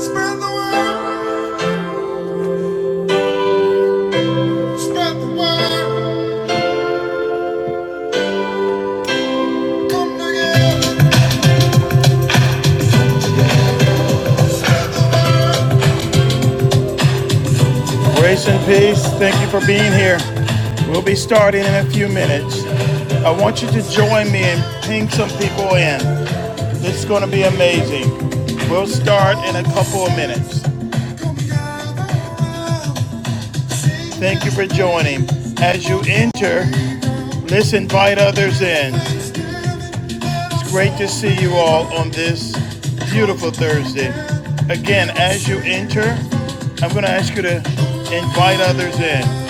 Spread the word. Spread the word. Come together. Grace and peace. Thank you for being here. We'll be starting in a few minutes. I want you to join me and ping some people in. This is going to be amazing. We'll start in a couple of minutes. Thank you for joining. As you enter, let's invite others in. It's great to see you all on this beautiful Thursday. Again, as you enter, I'm going to ask you to invite others in.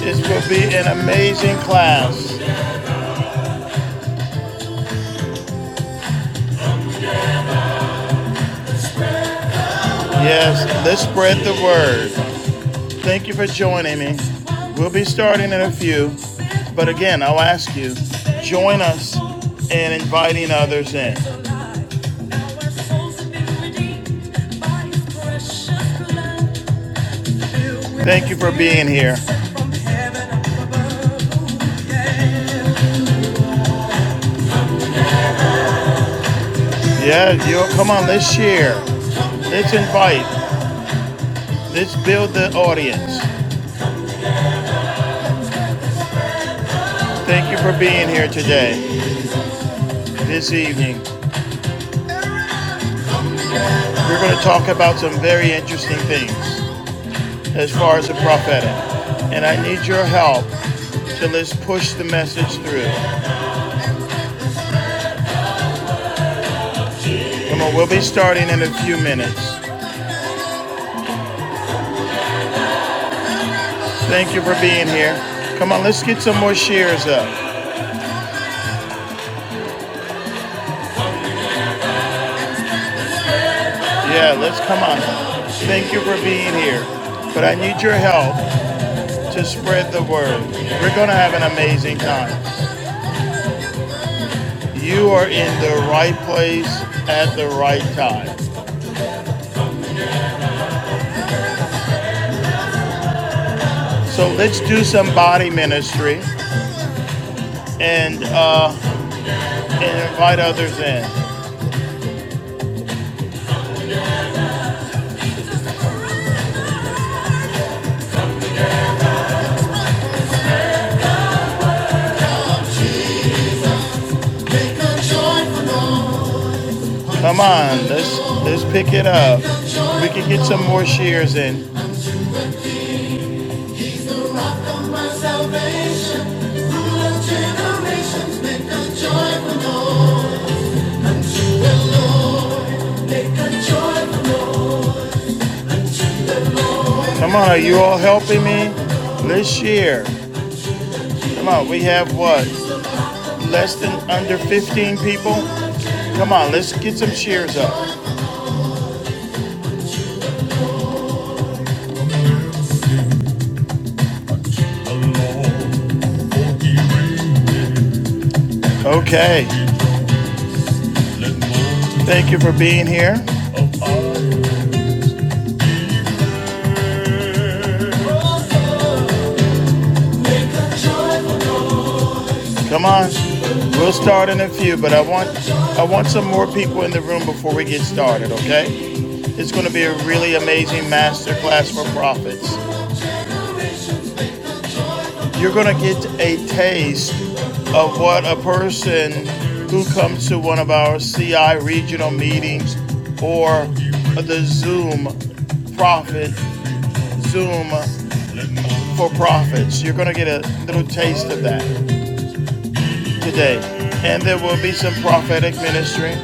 This will be an amazing class. Yes, let's spread the word. Thank you for joining me. We'll be starting in a few, but again, I'll ask you, join us in inviting others in. Thank you for being here. Yeah, you come on, let's share. Let's invite. Let's build the audience. Thank you for being here today, this evening. We're going to talk about some very interesting things as far as the prophetic. And I need your help to let's push the message through. Come on, we'll be starting in a few minutes. Thank you for being here. Come on, let's get some more shares up. Yeah, let's come on. Thank you for being here. But I need your help to spread the word. We're going to have an amazing time. You are in the right place at the right time. So let's do some body ministry and uh, and invite others in. Come on, let's let's pick it up. We can get some more shares in. Come on, are you all helping me? Let's share. Come on, we have what? Less than under 15 people? Come on, let's get some shares up. Okay. Thank you for being here. Come on, we'll start in a few, but I want I want some more people in the room before we get started. Okay, it's going to be a really amazing masterclass for prophets. You're going to get a taste of what a person who comes to one of our CI regional meetings or the Zoom Prophet Zoom for prophets. You're going to get a little taste of that today, and there will be some prophetic ministry.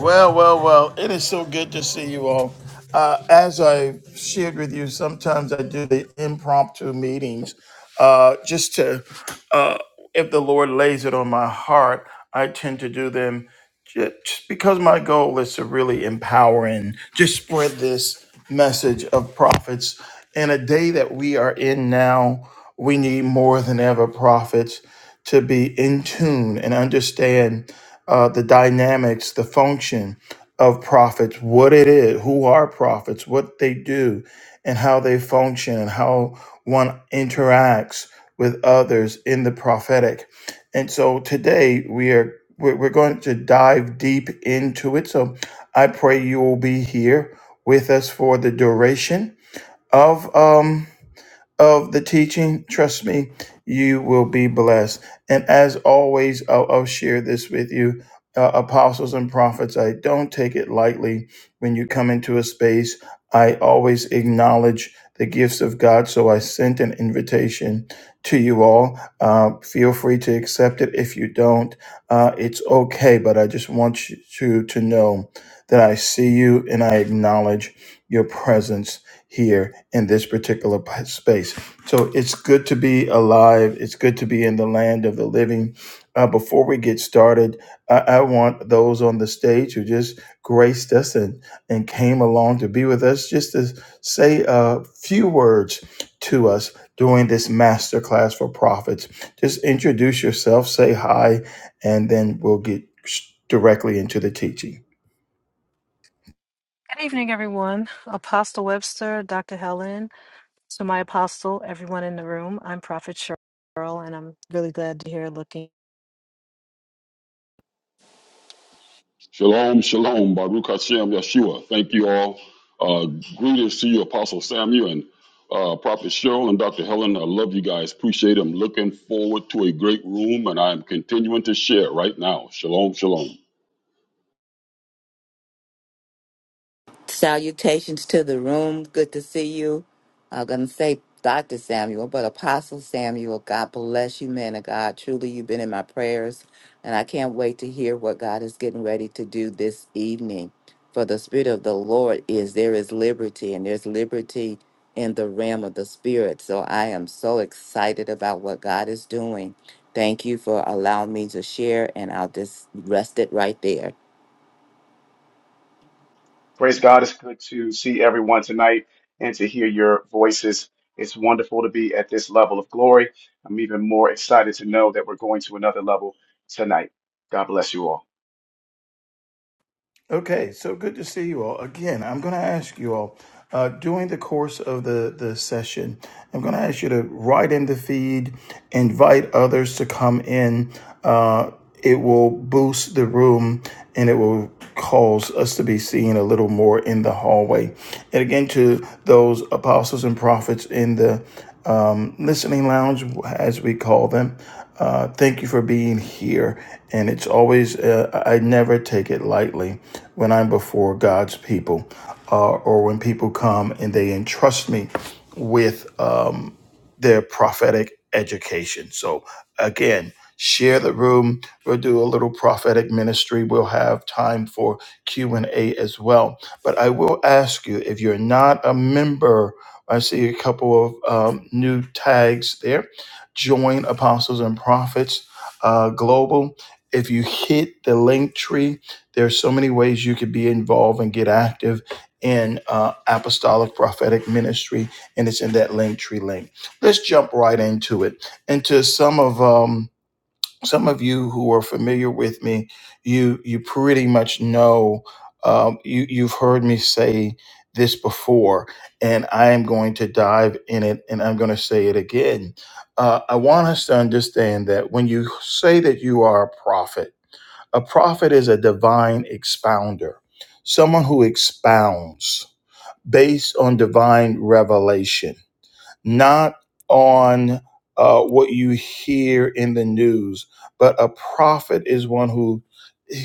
Well, well, well, it is so good to see you all. Uh, as I shared with you, sometimes I do the impromptu meetings uh, just to uh, if the Lord lays it on my heart, I tend to do them ju- just because my goal is to really empower and just spread this message of prophets. In a day that we are in now, we need more than ever prophets to be in tune and understand uh, the dynamics, the function of prophets, what it is, who are prophets, what they do, and how they function, and how one interacts with others in the prophetic. And so today we are we're, we're going to dive deep into it. So I pray you will be here with us for the duration of um of the teaching. Trust me, you will be blessed. And as always, I'll, I'll share this with you. Uh, apostles and prophets, I don't take it lightly when you come into a space. I always acknowledge the gifts of God. So I sent an invitation to you all. Uh, feel free to accept it. If you don't, uh, it's okay. But I just want you to, to know that I see you and I acknowledge your presence here in this particular space. So it's good to be alive. It's good to be in the land of the living. Uh, before we get started, I, I want those on the stage who just graced us and, and came along to be with us just to say a few words to us during this masterclass for prophets. Just introduce yourself, say hi, and then we'll get directly into the teaching. Good evening, everyone. Apostle Webster, Dr. Helen, to my apostle, everyone in the room. I'm Prophet Cheryl, and I'm really glad to hear looking. Shalom, shalom, Baruch Hashem, Yeshua. Thank you all. Uh, greetings to you, Apostle Samuel and uh, Prophet Cheryl and Dr. Helen. I love you guys. Appreciate them. Looking forward to a great room, and I am continuing to share right now. Shalom, shalom. Salutations to the room. Good to see you. I'm going to say Dr. Samuel, but Apostle Samuel, God bless you, man of God. Truly, you've been in my prayers, and I can't wait to hear what God is getting ready to do this evening. For the Spirit of the Lord is there is liberty, and there's liberty in the realm of the Spirit. So I am so excited about what God is doing. Thank you for allowing me to share, and I'll just rest it right there. Praise God. It's good to see everyone tonight and to hear your voices. It's wonderful to be at this level of glory. I'm even more excited to know that we're going to another level tonight. God bless you all. Okay, so good to see you all. Again, I'm going to ask you all uh, during the course of the, the session, I'm going to ask you to write in the feed, invite others to come in. Uh, it will boost the room and it will cause us to be seen a little more in the hallway. And again, to those apostles and prophets in the um, listening lounge, as we call them. Uh, thank you for being here. And it's always, uh, I never take it lightly when I'm before God's people uh, or when people come and they entrust me with. um, their prophetic education. So, again, share the room. We'll do a little prophetic ministry. We'll have time for Q&A as well. But I will ask you, if you're not a member, I see a couple of um, new tags there. Join Apostles and Prophets uh, Global. If you hit the link tree, there's so many ways you could be involved and get active in uh, apostolic prophetic ministry, and it's in that link tree link. Let's jump right into it. And to some of um, some of you who are familiar with me, you you pretty much know um, you you've heard me say this before, and I am going to dive in it, and I'm going to say it again. Uh, I want us to understand that when you say that you are a prophet, a prophet is a divine expounder, someone who expounds based on divine revelation not on uh, what you hear in the news, but a prophet is one who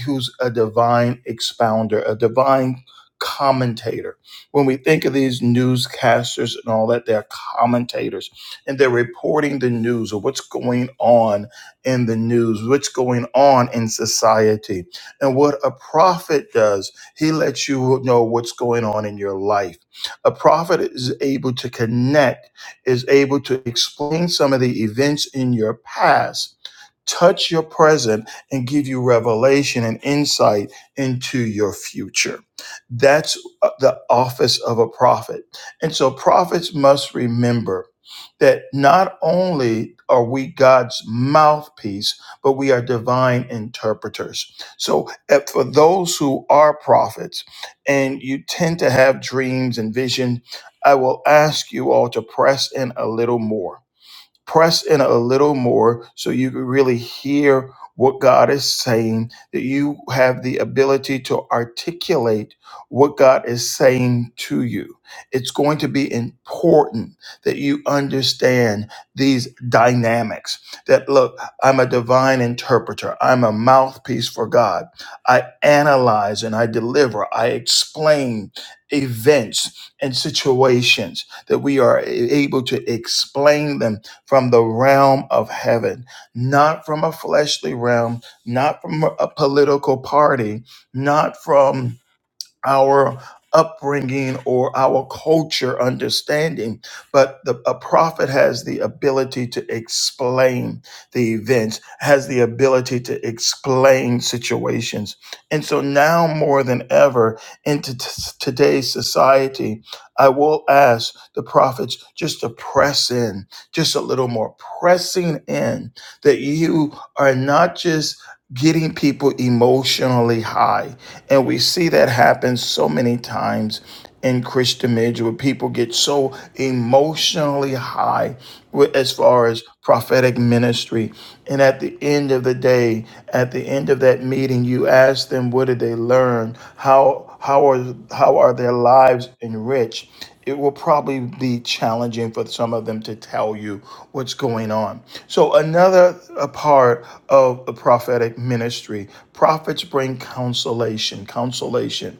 who's a divine expounder, a divine commentator. When we think of these newscasters and all that, they're commentators and they're reporting the news or what's going on in the news, what's going on in society. And what a prophet does, he lets you know what's going on in your life. A prophet is able to connect is able to explain some of the events in your past, touch your present, and give you revelation and insight into your future. That's uh, the office of a prophet. And so prophets must remember that not only are we God's mouthpiece, but we are divine interpreters. So uh, for those who are prophets and you tend to have dreams and visions, I will ask you all to press in a little more press in a little more so you can really hear what God is saying, that you have the ability to articulate what God is saying to you. It's going to be important that you understand these dynamics. That look, I'm a divine interpreter, I'm a mouthpiece for God. I analyze and I deliver, I explain events and situations, that we are able to explain them from the realm of heaven, not from a fleshly realm, not from a political party, not from our upbringing or our culture understanding, but the, a prophet has the ability to explain the events, has the ability to explain situations. And so now more than ever into t- today's society, I will ask the prophets just to press in, just a little more pressing in that you are not just getting people emotionally high and we see that happen so many times in Christian marriage where people get so emotionally high with- as far as prophetic ministry and at the end of the day, at the end of that meeting, you ask them, what did they learn? How, how, are, how are their lives enriched? It will probably be challenging for some of them to tell you what's going on. So, another a part of the prophetic ministry prophets bring consolation, consolation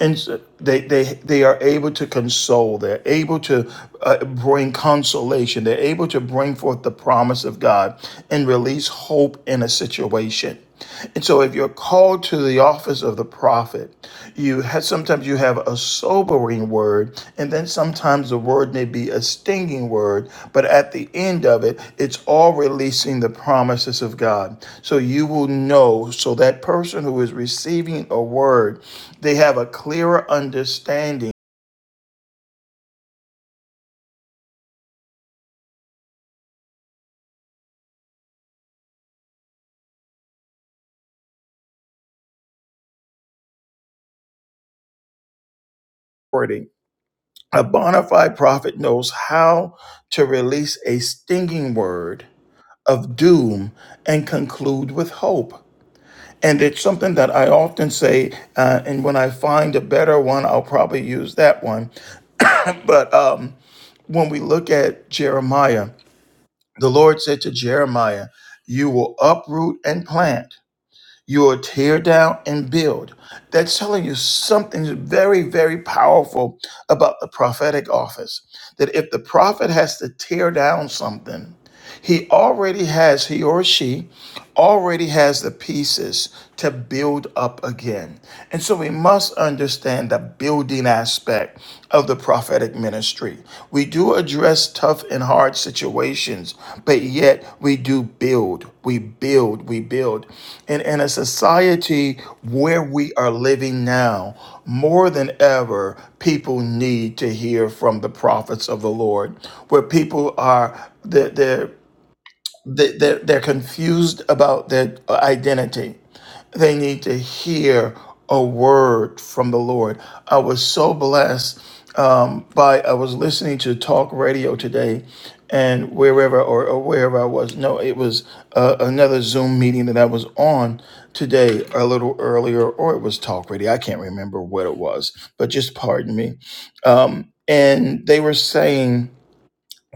and so they they they are able to console they're able to uh, bring consolation they're able to bring forth the promise of god and release hope in a situation and so if you're called to the office of the prophet you have sometimes you have a sobering word and then sometimes the word may be a stinging word but at the end of it it's all releasing the promises of god so you will know so that person who is receiving a word they have a clearer understanding. A bona fide prophet knows how to release a stinging word of doom and conclude with hope. And it's something that I often say, uh, and when I find a better one, I'll probably use that one. But um, when we look at Jeremiah, the Lord said to Jeremiah, You will uproot and plant You will tear down and build. That's telling you something very, very powerful about the prophetic office. That if the prophet has to tear down something, he already has, he or she already has the pieces to build up again. And so we must understand the building aspect of the prophetic ministry. We do address tough and hard situations, but yet we do build, we build, we build. And in a society where we are living now, more than ever, people need to hear from the prophets of the Lord, where people are they're, they're they- they're, they're confused about their identity. They need to hear a word from the Lord. I was so blessed um, by, I was listening to talk radio today and wherever or, or wherever I was, no, it was uh, another Zoom meeting that I was on today a little earlier, or it was talk radio. I can't remember what it was, but just pardon me. Um, and they were saying,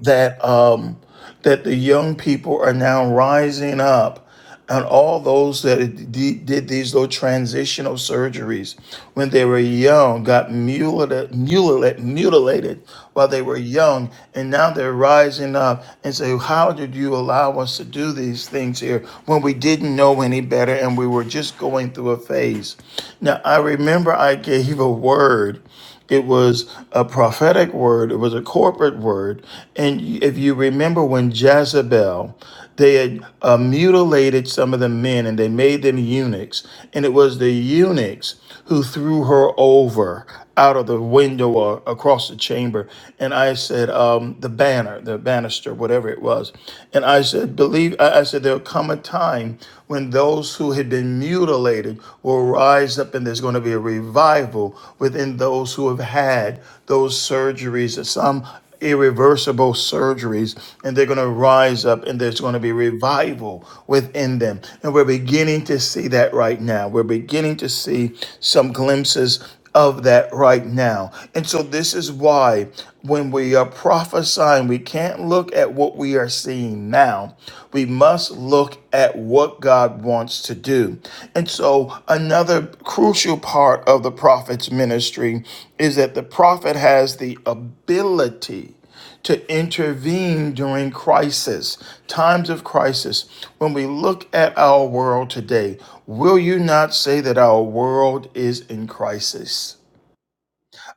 that um, that the young people are now rising up and all those that d- did these little transitional surgeries when they were young got mutilated, mutilated, mutilated while they were young and now they're rising up and say how did you allow us to do these things here when we didn't know any better and we were just going through a phase now i remember i gave a word it was a prophetic word. It was a corporate word. And if you remember when Jezebel, they had uh, mutilated some of the men and they made them eunuchs. And it was the eunuchs who threw her over out of the window or across the chamber. And I said, um, the banner, the banister, whatever it was. And I said, believe, I I said, there'll come a time when those who who had been mutilated will rise up, and there's going to be a revival within those who have had those surgeries, some irreversible surgeries, and they're going to rise up, and there's going to be revival within them. And we're beginning to see that right now. We're beginning to see some glimpses of that right now. And so, this is why when we are prophesying, we can't look at what we are seeing now. We must look at what God wants to do. And so, another crucial part of the prophet's ministry is that the prophet has the ability to intervene during crisis, times of crisis. When we look at our world today, will you not say that our world is in crisis?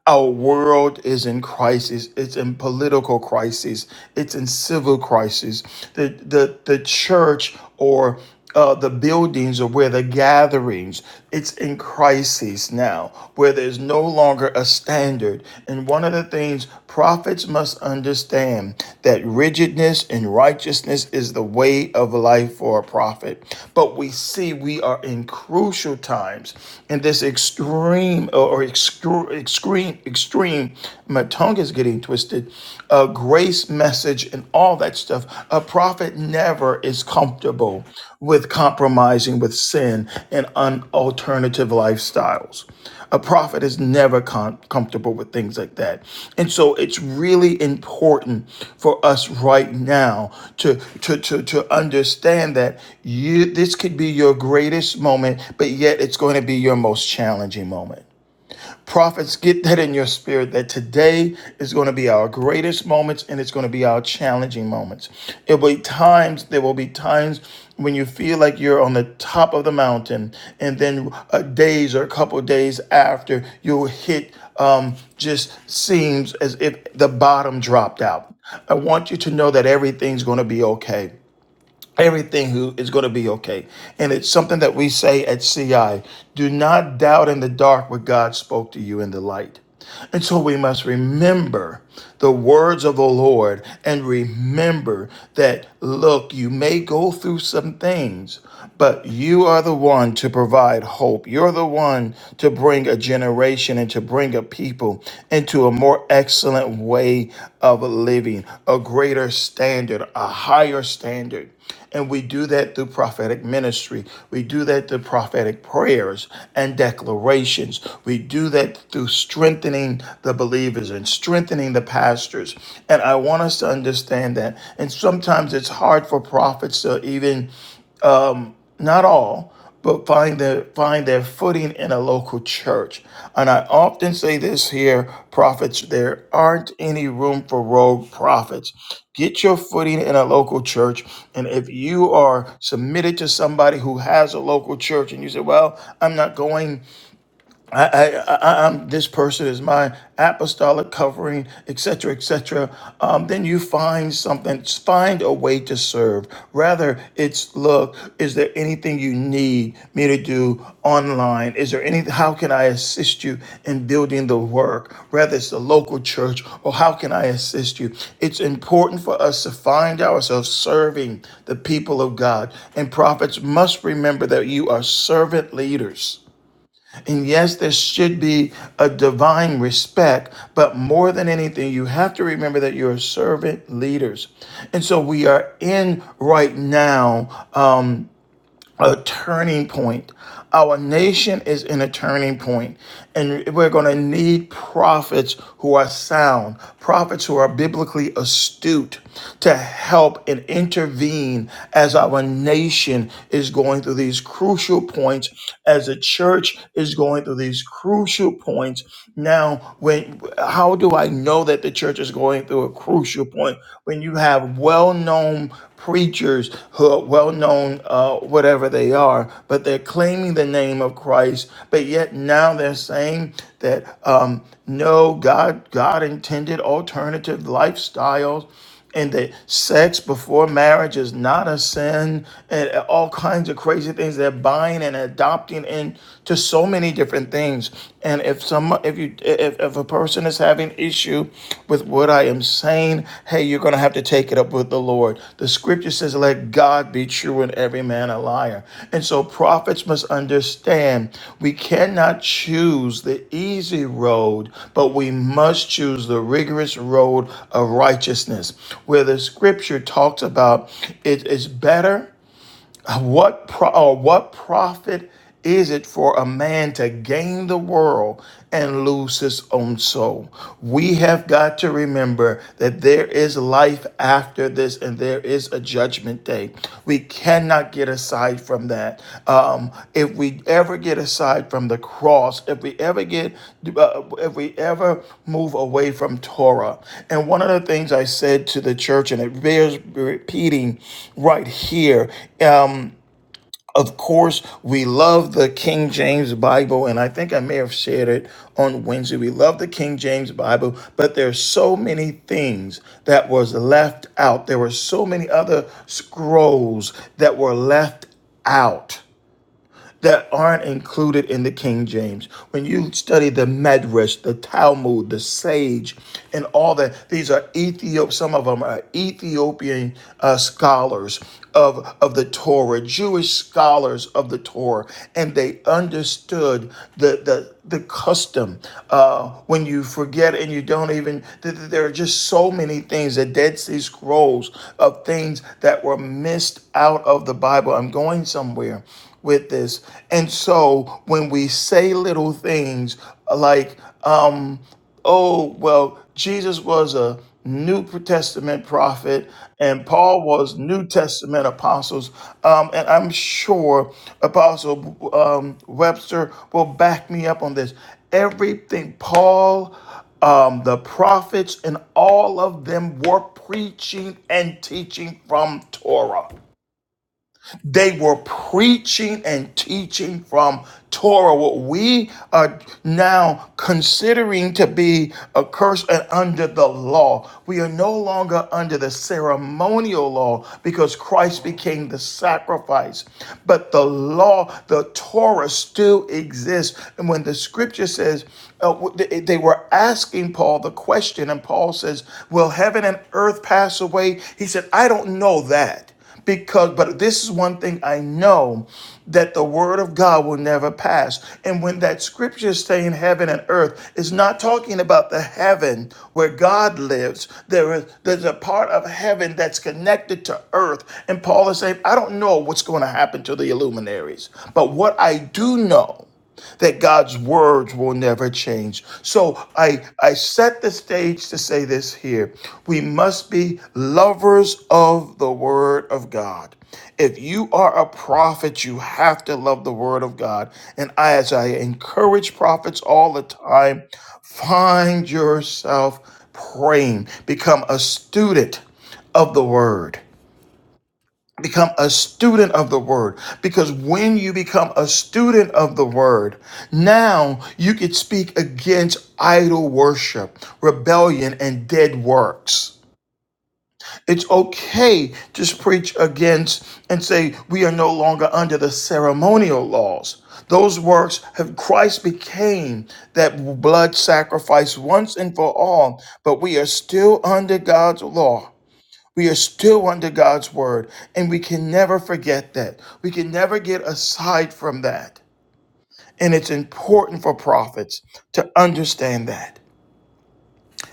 Our world is in crisis. It's in political crisis. It's in civil crisis. The the the church or uh, the buildings or where the gatherings. It's in crisis now, where there's no longer a standard. And one of the things Prophets must understand that rigidness and righteousness is the way of life for a prophet. But we see we are in crucial times in this extreme or excru- extreme, extreme, my tongue is getting twisted, uh, grace message and all that stuff. A prophet never is comfortable with compromising with sin and unalternative lifestyles. A prophet is never com- comfortable with things like that. And so it's really important for us right now to, to, to, to understand that you, this could be your greatest moment, but yet it's going to be your most challenging moment. Prophets, get that in your spirit that today is going to be our greatest moments and it's going to be our challenging moments. It will be times, there will be times when you feel like you're on the top of the mountain, and then uh, days or a couple of days after, you'll hit um, just seems as if the bottom dropped out. I want you to know that everything's going to be okay everything is going to be okay. And it's something that we say at CI do not doubt in the dark what God spoke to you in the light. And so we must remember the words of the Lord and remember that, look, you may go through some things, but you are the one to provide hope. You're the one to bring a generation and to bring a people into a more excellent way of living, a greater standard, a higher standard. And we do that through prophetic ministry. We do that through prophetic prayers and declarations. We do that through strengthening the believers and strengthening the pastors. And I want us to understand that. And sometimes it's hard for prophets to even not all, but find their find their footing in a local church. And I often say this here, prophets, there aren't any room for rogue prophets. Get your footing in a local church. And if you are submitted to somebody who has a local church and you say, Well, I'm not going I, I, I, I'm this person is my apostolic covering, etc., etc. Um, then you find something, find a way to serve. Rather, it's look, is there anything you need me to do online? Is there any? How can I assist you in building the work? Rather, it's the local church, or how can I assist you? It's important for us to find ourselves serving the people of God, and prophets must remember that you are servant leaders and yes, there should be a divine respect, but more than anything, you have to remember that you're servant leaders. And so we are in right now a turning point. Our nation is in a turning point, and we're going to need prophets who are sound, prophets who are biblically astute to help and intervene as our nation is going through these crucial points, as the church is going through these crucial points. Now, when how do I know that the church is going through a crucial your point, when you have well known preachers who are well known, uh, whatever they are, but they're claiming the name of Christ, but yet now they're saying that um, no, God, God intended alternative lifestyles and that sex before marriage is not a sin and all kinds of crazy things they're buying and adopting into so many different things and if some if you if, if a person is having issue with what i am saying hey you're going to have to take it up with the lord the scripture says, Let God be true and every man a liar. And so prophets must understand we cannot choose the easy road, but we must choose the rigorous road of righteousness, where the scripture talks about it is better what pro- or what profit is it for a man to gain the world and lose his own soul? We have got to remember that there is life after this and there is a judgment day. We cannot get aside from that. Um, if we ever get aside from the cross, if we ever get, uh, if we ever move away from Torah, and one of the things I said to the church, and it bears repeating right here, um, of course, we love the King James Bible, and I think I may have shared it on Wednesday. We love the King James Bible, but there's so many things that was left out. There were so many other scrolls that were left out that aren't included in the King James. When you study the Medrash, the Talmud, the Sage, and all that, these are Ethiop. Some of them are Ethiopian uh, scholars of of the Torah, Jewish scholars of the Torah, and they understood the the the custom uh, when you forget and you don't even th- th- there are just so many things the dead sea scrolls of things that were missed out of the bible i'm going somewhere with this. And so when we say little things like, um, oh, well, Jesus was a New Testament prophet and Paul was New Testament apostles. Um, and I'm sure Apostle um, Webster will back me up on this. Everything Paul, um, the prophets, and all of them were preaching and teaching from Torah. They were preaching and teaching from Torah, what we are now considering to be a curse and under the law. We are no longer under the ceremonial law because Christ became the sacrifice. But the law, the Torah still exists. And when the scripture says, uh, they were asking Paul the question, and Paul says, Will heaven and earth pass away? He said, I don't know that because but this is one thing i know that the word of god will never pass and when that scripture is saying heaven and earth it's not talking about the heaven where god lives there is there's a part of heaven that's connected to earth and paul is saying i don't know what's going to happen to the illuminaries but what i do know that God's words will never change. So I, I set the stage to say this here. We must be lovers of the word of God. If you are a prophet, you have to love the word of God. And I, as I encourage prophets all the time, find yourself praying, become a student of the word. Become a student of the word because when you become a student of the word, now you could speak against idol worship, rebellion, and dead works. It's okay to preach against and say we are no longer under the ceremonial laws. Those works have Christ became that blood sacrifice once and for all, but we are still under God's law. We are still under God's word, and we can never forget that. We can never get aside from that. And it's important for prophets to understand that.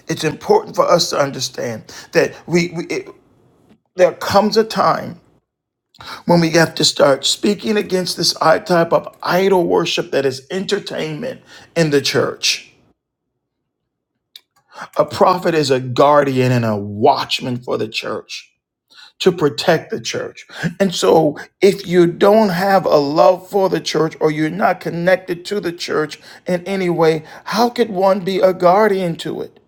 It's important for us to understand that we, we it, there comes a time when we have to start speaking against this type of idol worship that is entertainment in the church. A prophet is a guardian and a watchman for the church. to protect the church. And so, if you don't have a love for the church or you're not connected to the church in any way, how could one be a guardian to it?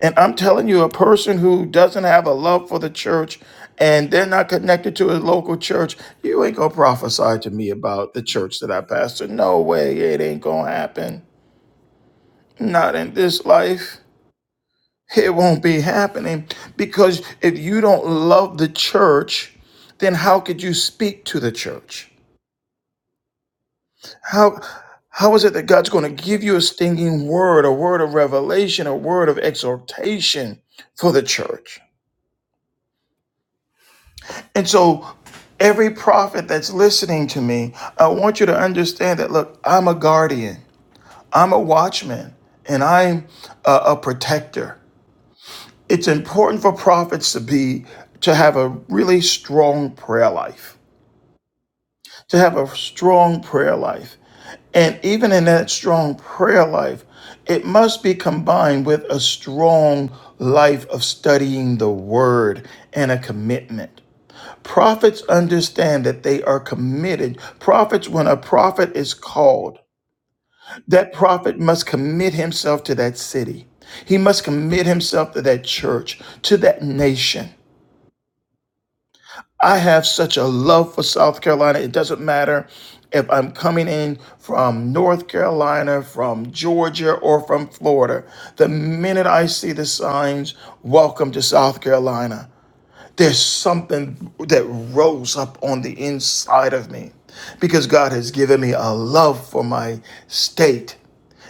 And I'm telling you, a person who doesn't have a love for the church and they're not connected to a local church, you ain't gonna prophesy to me about the church that I pastor. No way, it ain't gonna happen. Not in this life. It won't be happening because if you don't love the church, then how could you speak to the church? How how is it that God's going to give you a stinging word, a word of revelation, a word of exhortation for the church? And so every prophet that's listening to me, I want you to understand that look, I'm a guardian. I'm a watchman and I'm a, a protector. it's important for prophets to be to have a really strong prayer life to have a strong prayer life and even in that strong prayer life it must be combined with a strong life of studying the word and a commitment prophets understand that they are committed prophets when a prophet is called that prophet must commit himself to that city he must commit himself to that church to that nation I have such a love for South Carolina. It doesn't matter if I'm coming in from North Carolina, from Georgia, or from Florida. The minute I see the signs, welcome to South Carolina, there's something that rose up on the inside of me because God has given me a love for my state.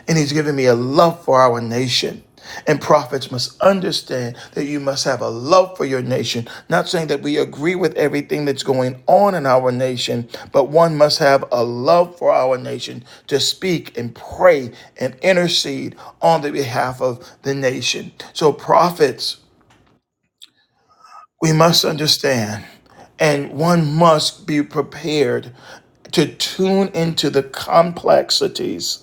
And he's given me a love for our nation. And prophets must understand that you must have a love for your nation. Not saying that we agree with everything that's going on in our nation, but one must have a love for our nation to speak and pray and intercede on the behalf of the nation. So, prophets, we must understand and one must be prepared to tune into the complexities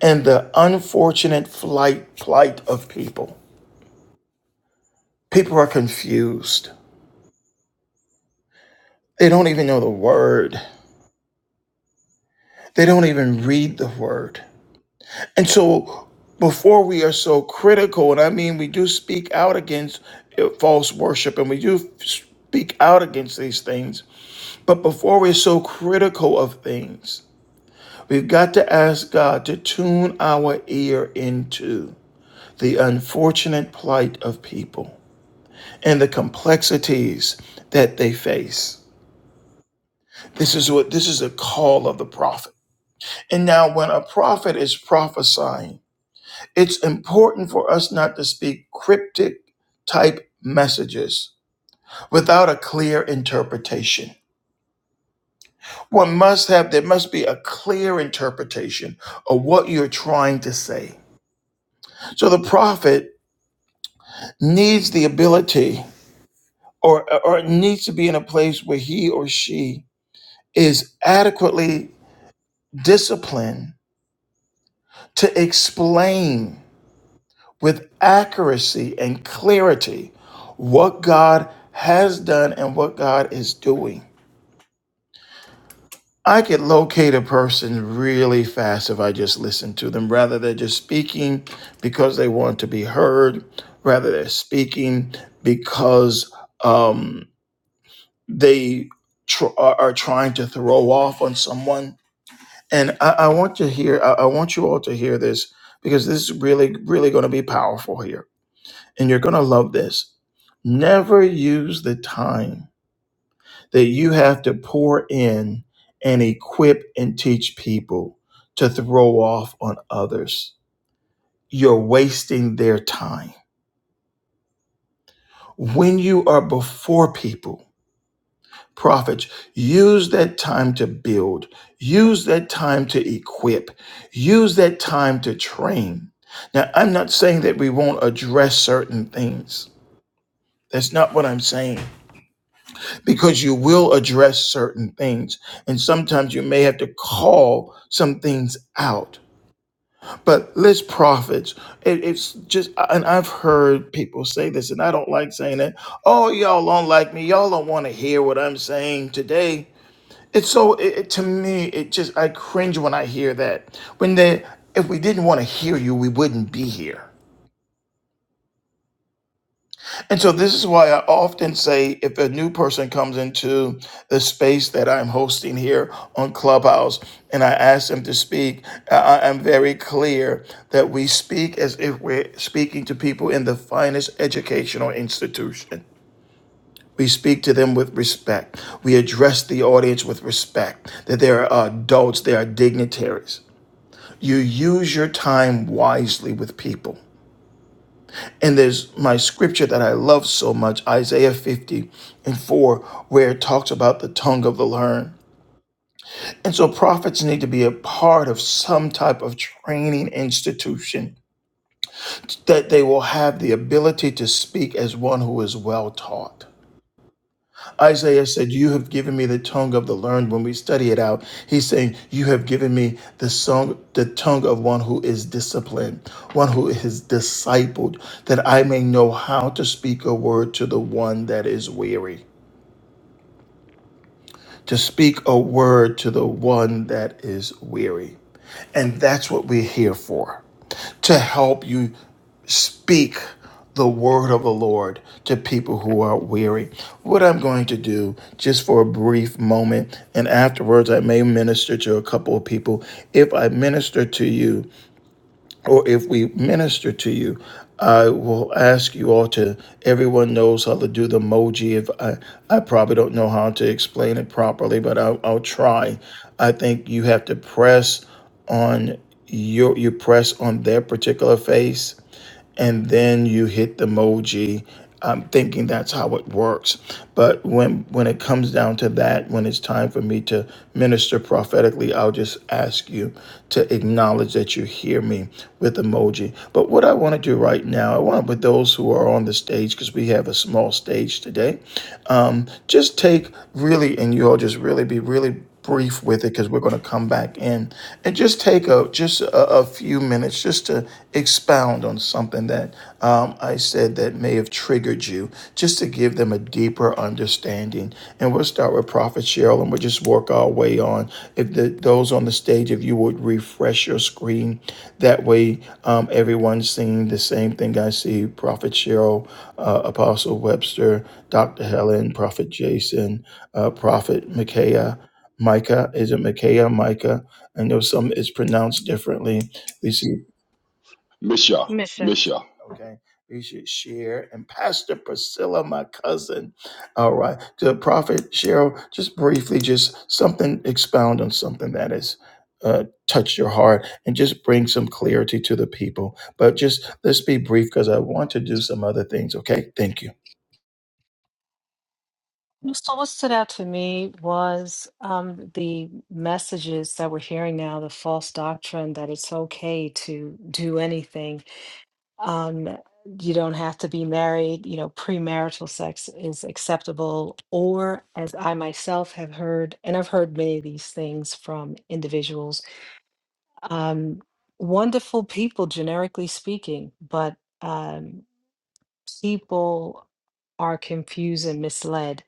and the unfortunate flight plight of people. People are confused. They don't even know the word. They don't even read the word. And so before we are so critical, and I mean we do speak out against uh, false worship and we do speak out against these things, but before we're so critical of things, we've got to ask God to tune our ear into the unfortunate plight of people and the complexities that they face. This is what this is a call of the prophet. And now when a prophet is prophesying, it's important for us not to speak cryptic type messages without a clear interpretation. One must have there must be a clear interpretation of what you're trying to say. So the prophet needs the ability or or needs to be in a place where he or she is adequately discipline to explain with accuracy and clarity what God has done and what God is doing. I could locate a person really fast if I just listen to them. Rather, they're just speaking because they want to be heard. Rather, they're speaking because um, they tr- are are trying to throw off on someone And I, I want to hear, I, I want you all to hear this because this is really, really going to be powerful here. And you're going to love this. Never use the time that you have to pour in and equip and teach people to throw off on others. You're wasting their time. When you are before people, prophets use that time to build use that time to equip use that time to train now i'm not saying that we won't address certain things that's not what i'm saying because you will address certain things and sometimes you may have to call some things out but let's prophets it, it's just and i've heard people say this and i don't like saying it oh y'all don't like me y'all don't want to hear what i'm saying today it's so it, it- to me. It just I cringe when I hear that. When they, if we didn't want to hear you, we wouldn't be here. And so this is why I often say, if a new person comes into the space that I'm hosting here on Clubhouse, and I ask them to speak, I I am very clear that we speak as if we're speaking to people in the finest educational institution. We speak to them with respect. We address the audience with respect. That they are adults, they are dignitaries. You use your time wisely with people. And there's my scripture that I love so much, Isaiah 50 and 4, where it talks about the tongue of the learned. And so prophets need to be a part of some type of training institution that they will have the ability to speak as one who is well taught. Isaiah said, You have given me the tongue of the learned. When we study it out, he's saying, You have given me the song, the tongue of one who is disciplined, one who is discipled, that I may know how to speak a word to the one that is weary. To speak a word to the one that is weary. And that's what we're here for to help you speak the word of the Lord to people who are weary. What I'm going to do just for a brief moment, and afterwards, I may minister to a couple of people. If I minister to you, or if we minister to you, I will ask you all to. Everyone knows how to do the emoji. If I, I probably don't know how to explain it properly, but I'll, I'll try. I think you have to press on your you press on their particular face and then you hit the emoji um, thinking that's how it works but when when it comes down to that when it's time for me to minister prophetically i'll just ask you to acknowledge that you hear me with emoji but what i want to do right now i want with those who are on the stage because we have a small stage today just take really, and you all just really be really brief with it because we're going to come back in and just take a just a, a few minutes just to expound on something that um, I said that may have triggered you, just to give them a deeper understanding. And we'll start with Prophet Cheryl, and we'll just work our way on. If the, those on the stage, if you would refresh your screen, that way um, everyone's seeing the same thing I see. Prophet Cheryl, uh, Apostle Webster, Dr. Helen, Prophet Jason, uh, Prophet Micaiah, Micah. Is it Micaiah? Micah. I know some is pronounced differently. We see, Misha, Misha. Misha. okay. We should share. And Pastor Priscilla, my cousin. All right. To Prophet Cheryl, just briefly, just something, expound on something that has uh, touched your heart and just bring some clarity to the people. But just let's be brief because I want to do some other things. Okay. Thank you. So, what stood out to me was um, the messages that we're hearing now, the false doctrine that it's okay to do anything. Um, you don't have to be married, you know, premarital sex is acceptable. Or, as I myself have heard, and I've heard many of these things from individuals um, wonderful people, generically speaking, but um, people are confused and misled.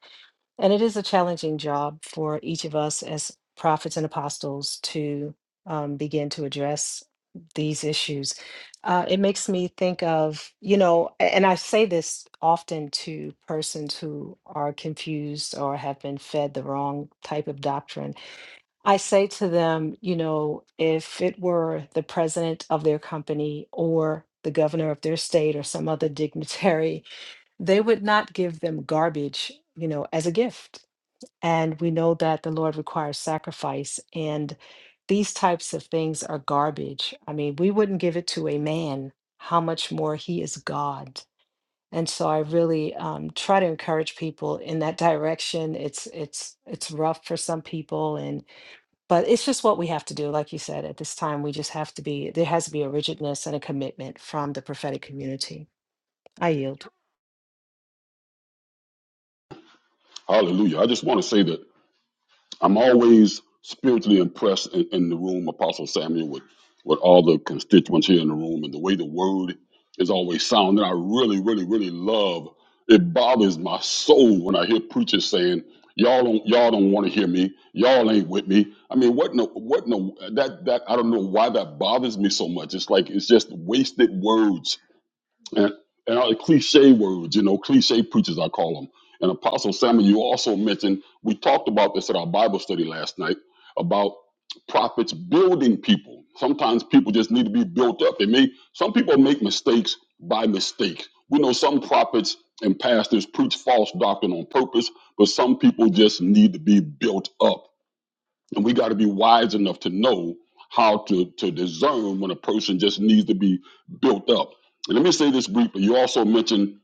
And it is a challenging job for each of us as prophets and apostles to um, begin to address these issues. Uh, it makes me think of, you know, a- and I say this often to persons who are confused or have been fed the wrong type of doctrine I say to them, you know, if it were the president of their company or the governor of their state or some other dignitary, they would not give them garbage, you know, as a gift. And we know that the Lord requires sacrifice, and these types of things are garbage. I mean, we wouldn't give it to a man, how much more he is God. And so I really um, try to encourage people in that direction. It's it's it's rough for some people, and but it's just what we have to do like you said at this time we just have to be there has to be a rigidness and a commitment from the prophetic community i yield Hallelujah. I just want to say that I'm always spiritually impressed in, in the room, Apostle Samuel, with, with all the constituents here in the room and the way the word is always sound. And I really, really, really love it bothers my soul when I hear preachers saying, Y'all don't y'all don't want to hear me, y'all ain't with me. I mean, what no what no that that I don't know why that bothers me so much. It's like it's just wasted words and, and all the cliche words, you know, cliche preachers, I call them. And Apostle Samuel, you also mentioned, we talked about this at our Bible study last night about prophets building people. Sometimes people just need to be built up. They may, some people make mistakes by mistake. We know some prophets and pastors preach false doctrine on purpose, but some people just need to be built up and we got to be wise enough to know how to to discern when a person just needs to be built up. And let me say this briefly. You also mentioned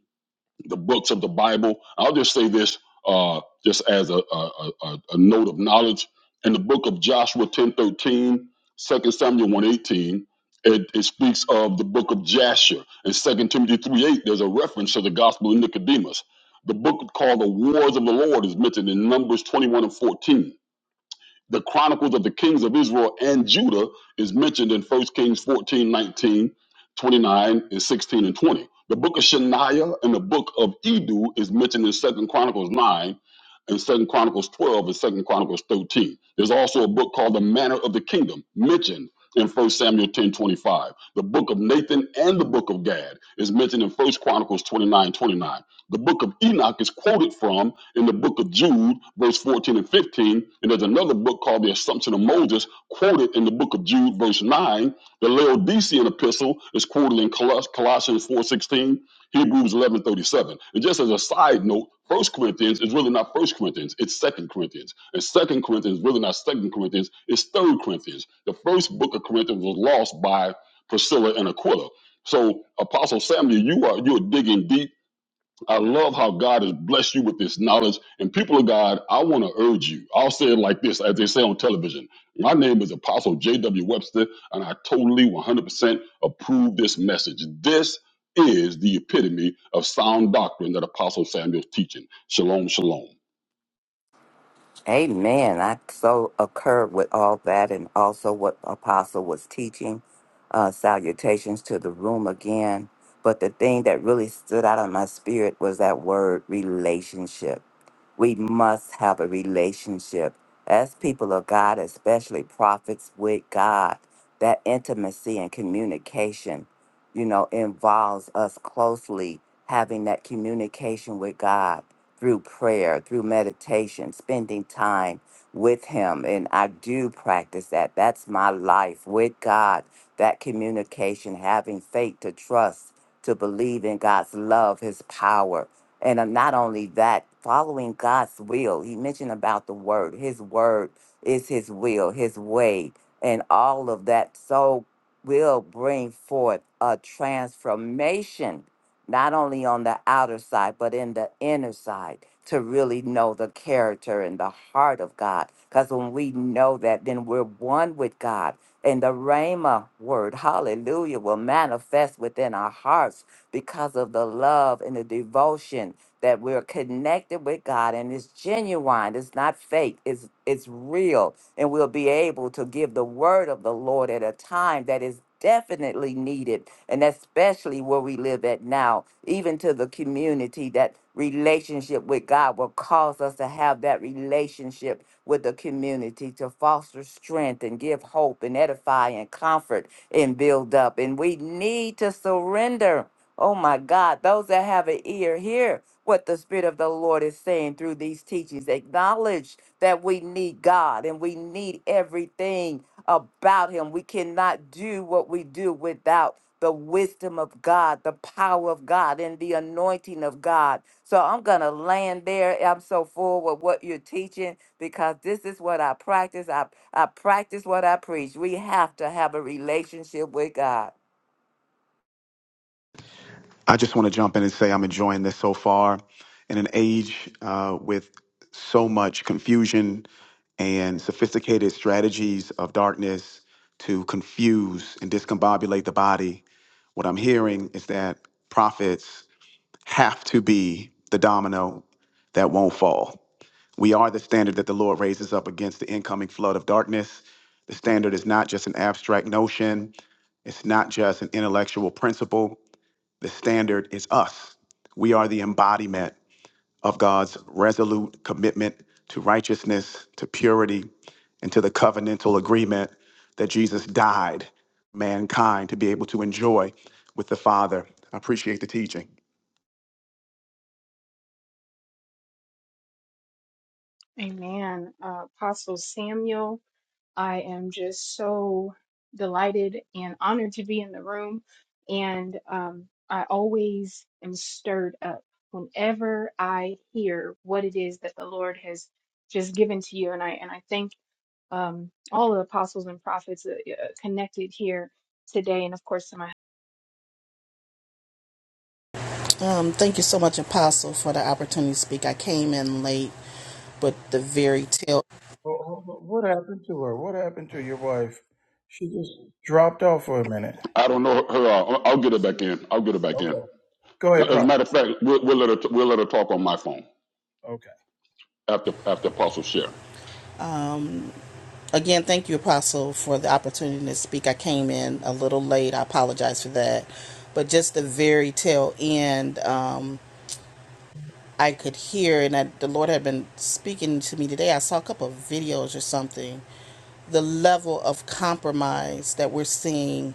the books of the Bible. I'll just say this, uh, just as a, a, a, a note of knowledge. In the book of Joshua 10, 13, Second Samuel 1, eighteen, it, it speaks of the book of Jasher. In Second Timothy 3, 8, there's a reference to the gospel of Nicodemus. The book called The Wars of the Lord is mentioned in Numbers 21 and 14 the chronicles of the kings of Israel and Judah is mentioned in First Kings 14 19, 29 and 16 and 20. The book of Shaniah and the book of Edu is mentioned in Second Chronicles 9 and Second Chronicles 12 and Second Chronicles 13. There's also a book called The Manner of the Kingdom mentioned in First Samuel 10 25, The book of Nathan and the book of Gad is mentioned in First Chronicles 29 29. The book of Enoch is quoted from in the book of Jude, verse 14 and 15. And there's another book called The Assumption of Moses, quoted in the book of Jude, verse 9. The Laodicean epistle is quoted in Colossians 4 16, Hebrews 11 37. And just as a side note, First Corinthians is really not First Corinthians, it's Second Corinthians. And Second Corinthians is really not Second Corinthians, it's Third Corinthians. The first book of Corinthians was lost by Priscilla and Aquila. So Apostle Samuel, you are you're digging deep I love how God has blessed you with this knowledge. And people of God, I want to urge you. I'll say it like this, as they say on television. My name is Apostle J.W. Webster, and I totally 100% approve this message. This is the epitome of sound doctrine that Apostle Samuel's teaching. Shalom, shalom. Amen. I so occurred with all that and also what Apostle was teaching. Uh, salutations to the room again. But the thing that really stood out in my spirit was that word relationship we must have a relationship as people of God, especially prophets with God. That intimacy and communication, you know, involves us closely having that communication with God through prayer, through meditation, spending time with Him. And I do practice that. That's my life with God, that communication, having faith to trust, to believe in God's love, His power. And uh, not only that, following God's will. He mentioned about the Word. His Word is His will, His way, and all of that. So will bring forth a transformation not only on the outer side, but in the inner side to really know the character and the heart of God. Because when we know that, then we're one with God. And the Rhema word, hallelujah, will manifest within our hearts because of the love and the devotion that we're connected with God and it's genuine. It's not fake. It's it's real and we'll be able to give the word of the Lord at a time that is definitely needed, and especially where we live at now, even to the community. That relationship with God will cause us to have that relationship with the community to foster strength and give hope and edify and comfort and build up. And we need to surrender. Oh my God, those that have an ear, hear what the Spirit of the Lord is saying through these teachings. Acknowledge that we need God and we need everything about Him. We cannot do what we do without the wisdom of God, the power of God, and the anointing of God. So I'm going to land there. I'm so full with what you're teaching because this is what I practice. I, I practice what I preach. We have to have a relationship with God. I just want to jump in and say I'm enjoying this so far in an age uh, with so much confusion and sophisticated strategies of darkness to confuse and discombobulate the body. What I'm hearing is that prophets have to be the domino that won't fall. We are the standard that the Lord raises up against the incoming flood of darkness. The standard is not just an abstract notion, it's not just an intellectual principle. The standard is us. We are the embodiment of God's resolute commitment to righteousness, to purity, and to the covenantal agreement that Jesus died mankind to be able to enjoy with the Father. I appreciate the teaching. Amen. Uh, Apostle Samuel, I am just so delighted and honored to be in the room. And um, I always am stirred up whenever I hear what it is that the Lord has just given to you. And I and I thank um, all the apostles and prophets uh, uh, connected here today, and of course to my Um, thank you so much, Apostle, for the opportunity to speak. I came in late, but the very tail. Wh- wh- What happened to her? What happened to your wife? She just dropped off for a minute. I don't know her. Uh, I'll get her back in. I'll get her back in. Okay. Go ahead, As a Prophet. matter of fact, we'll, we'll let her. we'll let her talk on my phone Okay. after after Apostle share. Again, thank you, Apostle, for the opportunity to speak. I came in a little late. I apologize for that. But just the very tail end, um, I could hear, and I, the Lord had been speaking to me today. I saw a couple of videos or something. The level of compromise that we're seeing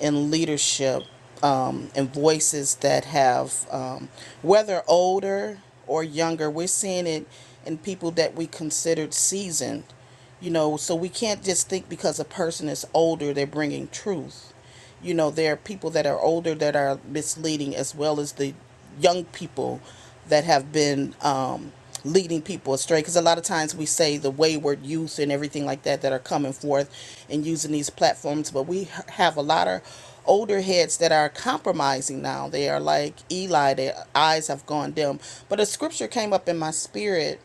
in leadership um, and voices that have, um, whether older or younger, we're seeing it in people that we considered seasoned. You know, so we can't just think because a person is older, they're bringing truth you know there are people that are older that are misleading as well as the young people that have been um, leading people astray because a lot of times we say the wayward youth and everything like that that are coming forth and using these platforms but we h- have a lot of older heads that are compromising now they are like eli their eyes have gone dim but a scripture came up in my spirit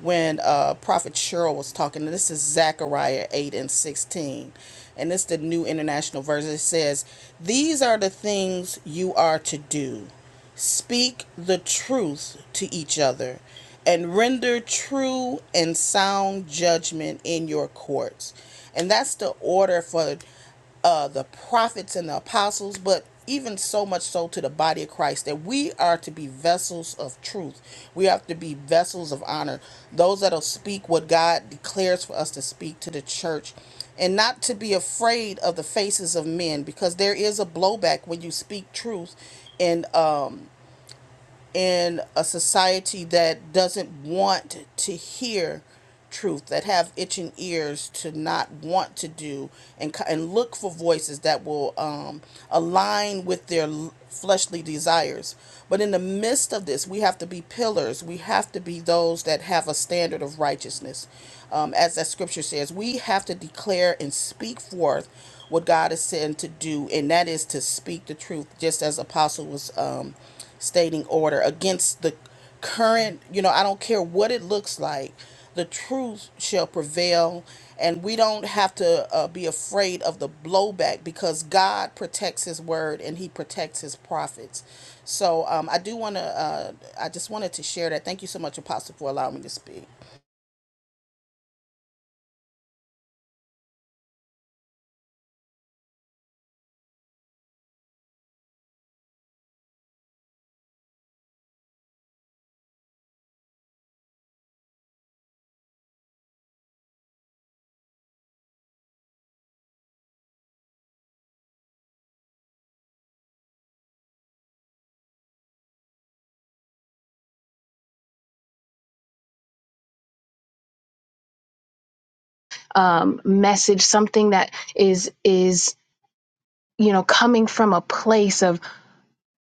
when uh, Prophet Cheryl was talking. And This is Zechariah 8 and 16. And it's the New International Version. It says, These are the things you are to do speak the truth to each other, and render true and sound judgment in your courts. And that's the order for uh, the prophets and the apostles, but even so much so to the body of Christ that we are to be vessels of truth. We have to be vessels of honor, those that'll speak what God declares for us to speak to the church, and not to be afraid of the faces of men because there is a blowback when you speak truth. And um in a society that doesn't want to hear truth that have itching ears to not want to do and and look for voices that will um, align with their fleshly desires but in the midst of this we have to be pillars we have to be those that have a standard of righteousness um, as that scripture says we have to declare and speak forth what god is sent to do and that is to speak the truth just as apostle was um, stating order against the current, you know, I don't care what it looks like, the truth shall prevail. And we don't have to uh, be afraid of the blowback because God protects His word and He protects His prophets. So um, I do want to, uh, I just wanted to share that. Thank you so much, Apostle, for allowing me to speak. um, message, something that is is you know coming from a place of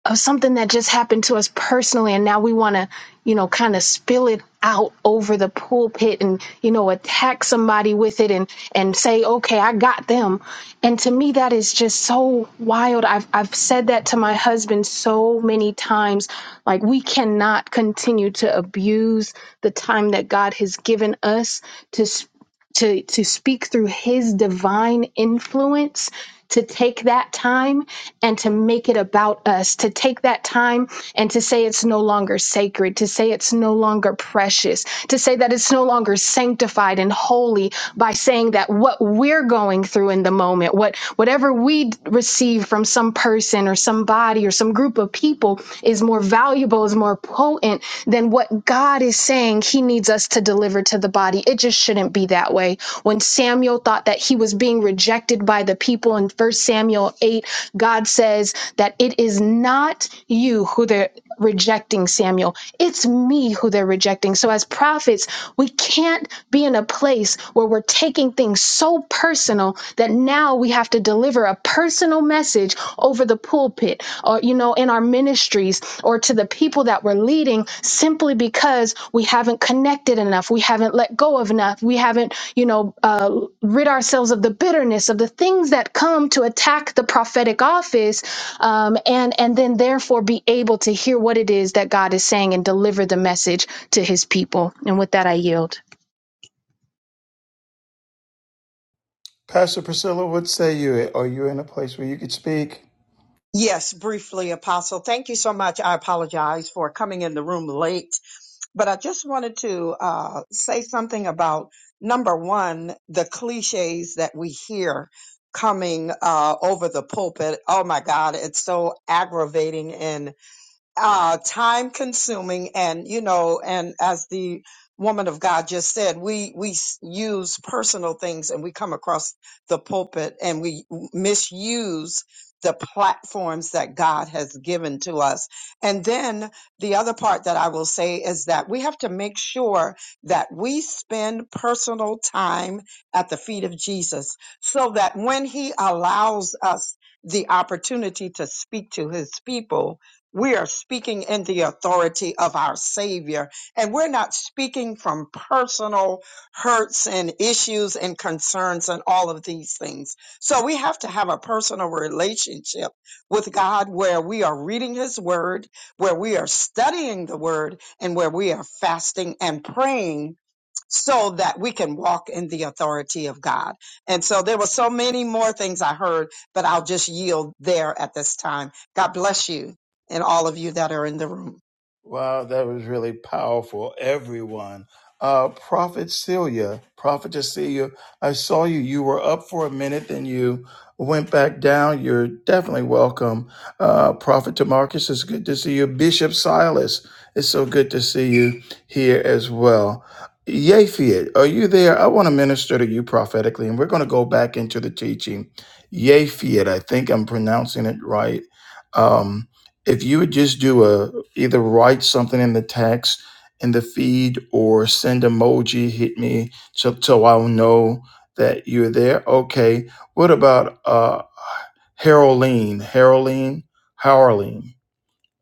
of something that just happened to us personally, and now we want to you know kind of spill it out over the pulpit and you know attack somebody with it and and say okay I got them, and to me that is just so wild. I've I've said that to my husband so many times. Like we cannot continue to abuse the time that God has given us to to to speak through his divine influence to take that time and to make it about us to take that time and to say it's no longer sacred to say it's no longer precious to say that it's no longer sanctified and holy by saying that what we're going through in the moment what whatever we receive from some person or somebody or some group of people is more valuable is more more potent than what God is saying he needs us to deliver to the body. It just shouldn't be that way. When Samuel thought that he was being rejected by the people in First Samuel 8, God says that it is not you who they're rejecting, Samuel. It's me who they're rejecting. So, as prophets, we can't be in a place where we're taking things so personal that now we have to deliver a personal message over the pulpit or you know in our ministries or to the people that we're leading simply because we haven't connected enough we haven't let go of enough we haven't you know uh, rid ourselves of the bitterness of the things that come to attack the prophetic office um, and and then therefore be able to hear what it is that god is saying and deliver the message to his people and with that i yield Pastor Priscilla, what say you? Are you in a place where you could speak? Yes, briefly, Apostle. Thank you so much. I apologize for coming in the room late, but I just wanted to uh, say something about number one, the cliches that we hear coming uh, over the pulpit. Oh my God, it's so aggravating and uh, time consuming and you know and as the woman of god just said we we s- use personal things and we come across the pulpit and we misuse the platforms that god has given to us and then the other part that i will say is that we have to make sure that we spend personal time at the feet of jesus so that when he allows us the opportunity to speak to his people we are speaking in the authority of our Savior, and we're not speaking from personal hurts and issues and concerns and all of these things. So we have to have a personal relationship with God where we are reading His Word, where we are studying the Word, and where we are fasting and praying so that we can walk in the authority of God. And so there were so many more things I heard, but I'll just yield there at this time. God bless you and all of you that are in the room. Wow, that was really powerful, everyone. Uh, Prophet Celia, Prophetess Celia, I saw you. You were up for a minute, then you went back down. You're definitely welcome. Uh, Prophet Tamarcus, it's good to see you. Bishop Silas, it's so good to see you here as well. Yafid, are you there? I want to minister to you prophetically, and we're going to go back into the teaching. Yafid, I think I'm pronouncing it right. Um, if you would just do a, either write something in the text in the feed or send emoji hit me so, so i'll know that you're there okay what about uh haroline haroline haroline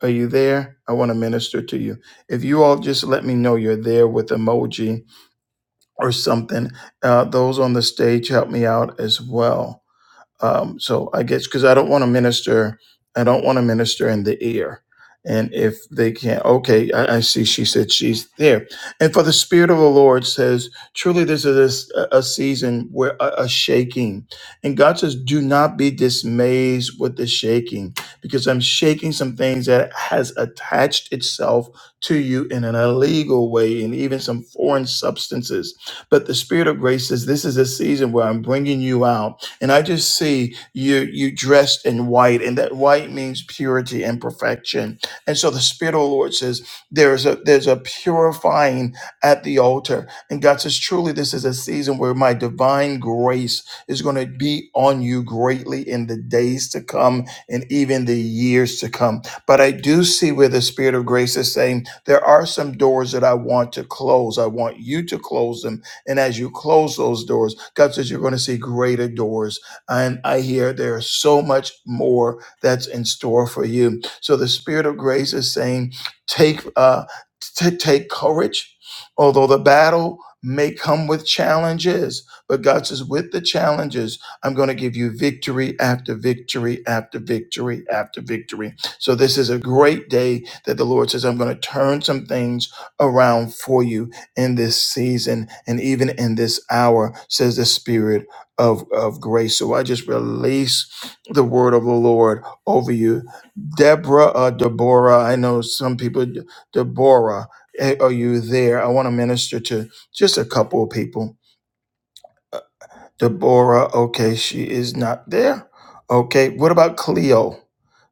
are you there i want to minister to you if you all just let me know you're there with emoji or something uh, those on the stage help me out as well um, so I guess because I don't want to minister, I don't want to minister in the ear. And if they can't, okay, I, I see. She said she's there. And for the Spirit of the Lord says, truly, this is a, a season where a, a shaking. And God says, do not be dismayed with the shaking, because I'm shaking some things that has attached itself to you in an illegal way, and even some foreign substances. But the Spirit of grace says, this is a season where I'm bringing you out and I just see you you dressed in white, and that white means purity and perfection. And so the Spirit of the Lord says there's a there's a purifying at the altar. And God says, truly, this is a season where my divine grace is going to be on you greatly in the days to come and even the years to come. But I do see where the Spirit of grace is saying, there are some doors that I want to close. I want you to close them and as you close those doors, God says you're going to see greater doors. And I hear there is so much more that's in store for you. So the Spirit of grace is saying, take uh, t- take courage, although the battle may come with challenges. But God says, with the challenges, I'm going to give you victory after victory after victory after victory. So this is a great day that the Lord says, I'm going to turn some things around for you in this season and even in this hour, says the Spirit of, of grace. So I just release the word of the Lord over you. Deborah, uh, Deborah, I know some people, De- Deborah, eh, are you there? I want to minister to just a couple of people. Uh, Deborah, okay, she is not there. Okay, what about Cleo?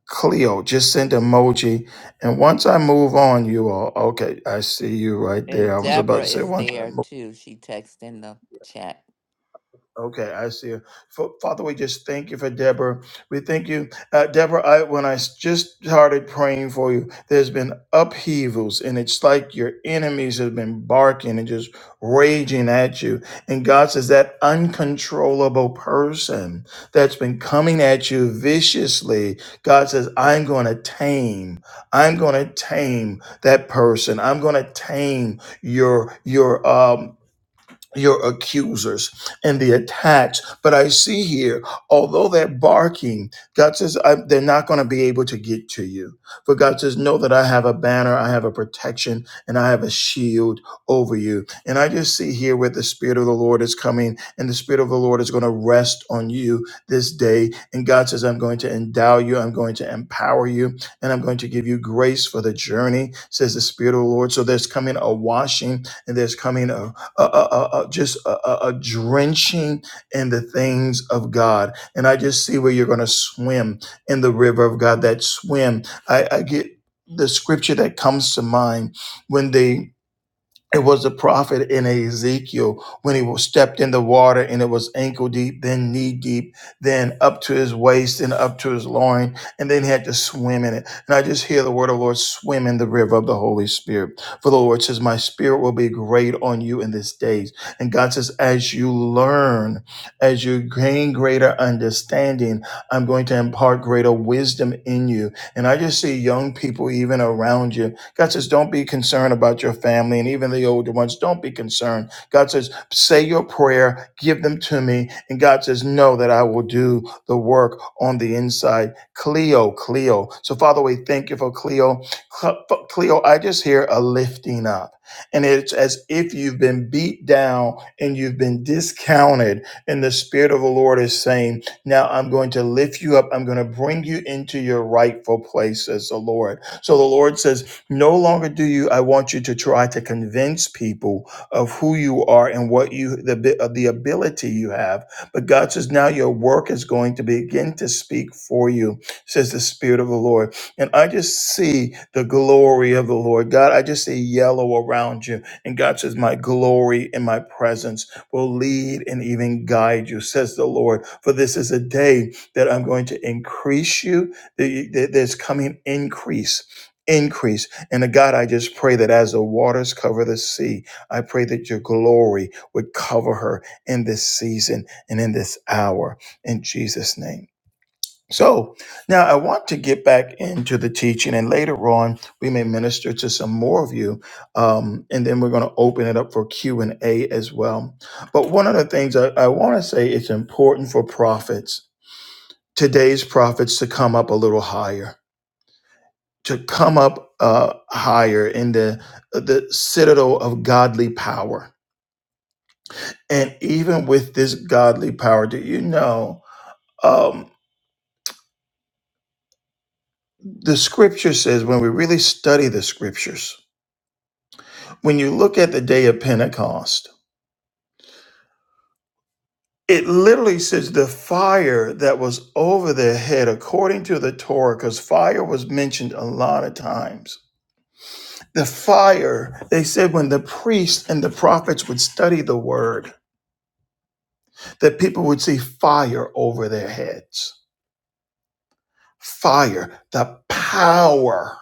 Cleo, just send emoji. And once I move on, you all, okay, I see you right there. And I was Deborah about to say is once I there move. too. She texted in the chat. Okay, I see. you. Fa- Father, we just thank you for Deborah. We thank you, uh, Deborah. I, when I s- just started praying for you, there's been upheavals, and it's like your enemies have been barking and just raging at you. And God says that uncontrollable person that's been coming at you viciously, God says, "I'm going to tame. I'm going to tame that person. I'm going to tame your your um your accusers and the attacks. But I see here, although they're barking, God says I, they're not going to be able to get to you. For God says, know that I have a banner, I have a protection, and I have a shield over you. And I just see here where the Spirit of the Lord is coming, and the Spirit of the Lord is going to rest on you this day. And God says, I'm going to endow you, I'm going to empower you, and I'm going to give you grace for the journey, says the Spirit of the Lord. So there's coming a washing, and there's coming a uh, uh, uh, uh, just a, a, a drenching in the things of God. And I just see where you're going to swim in the river of God. That swim, I, I get the scripture that comes to mind when they it was a prophet in Ezekiel when he was stepped in the water and it was ankle deep, then knee deep, then up to his waist and up to his loin, and then he had to swim in it. And I just hear the word of the Lord swim in the river of the Holy Spirit. For the Lord says, My spirit will be great on you in this days. And God says, As you learn, as you gain greater understanding, I'm going to impart greater wisdom in you. And I just see young people even around you God says, don't be concerned about your family and even the older ones. Don't be concerned. God says, say your prayer, give them to me. And God says, know that I will do the work on the inside. Cleo, Cleo. So, Father, we thank you for Cleo. Cl- Cleo, I just hear a lifting up. And it's as if you've been beat down and you've been discounted. And the Spirit of the Lord is saying, Now I'm going to lift you up. I'm going to bring you into your rightful place as the Lord. So the Lord says, no longer do you, I want you to try to convince people of who you are and what you, the, abi- of the ability you have. But God says, now your work is going to begin to speak for you, says the Spirit of the Lord. And I just see the glory of the Lord. God, I just see yellow around you. And God says, my glory and my presence will lead and even guide you, says the Lord. For this is a day that I'm going to increase you. There- there- There's coming increase. Increase. And uh, God, I just pray that as the waters cover the sea, I pray that your glory would cover her in this season and in this hour in Jesus' name. So now I want to get back into the teaching, and later on we may minister to some more of you, um, and then we're going to open it up for Q and A as well. But one of the things I, I want to say, it's important for prophets, today's prophets, to come up a little higher to come up uh, higher in the the citadel of godly power. And even with this godly power, do you know um, the Scripture says when we really study the Scriptures, when you look at the day of Pentecost, it literally says the fire that was over their head, according to the Torah, because fire was mentioned a lot of times. The fire, they said, when the priests and the prophets would study the word, that people would see fire over their heads. Fire, the power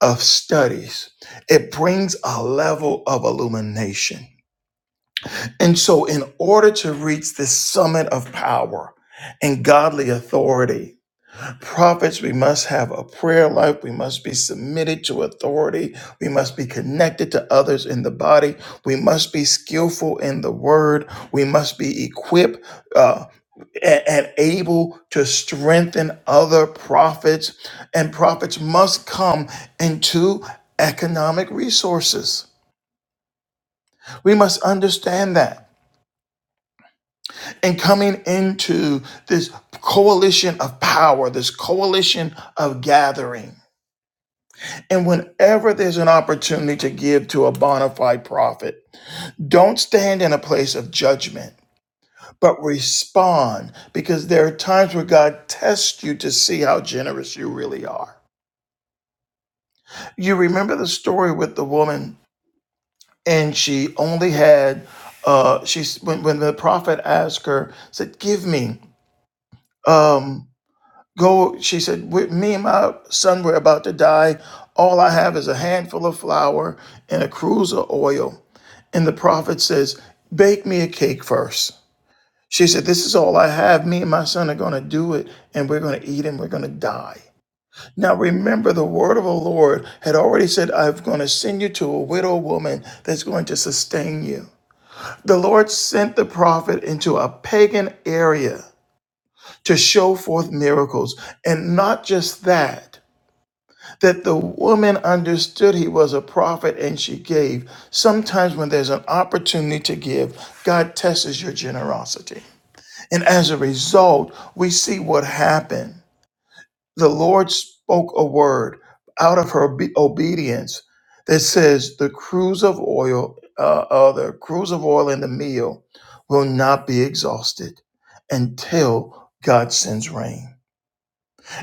of studies, it brings a level of illumination. And so, in order to reach this summit of power and godly authority, prophets, we must have a prayer life. We must be submitted to authority. We must be connected to others in the body. We must be skillful in the word. We must be equipped uh, and, and able to strengthen other prophets. And prophets must come into economic resources. We must understand that. And coming into this coalition of power, this coalition of gathering. And whenever there's an opportunity to give to a bona fide prophet, don't stand in a place of judgment, but respond because there are times where God tests you to see how generous you really are. you remember the story with the woman and she only had uh she's when, when the prophet asked her said give me um go she said with me and my son we're about to die all i have is a handful of flour and a cruse of oil and the prophet says bake me a cake first." she said this is all i have me and my son are going to do it and we're going to eat and we're going to die Now remember, the word of the Lord had already said, I'm going to send you to a widow woman that's going to sustain you. The Lord sent the prophet into a pagan area to show forth miracles. And not just that, that the woman understood he was a prophet and she gave. Sometimes when there's an opportunity to give, God tests your generosity. And as a result, we see what happened. the Lord spoke a word out of her obe- obedience that says the cruise of oil, uh, uh, the cruise of oil and the meal will not be exhausted until God sends rain.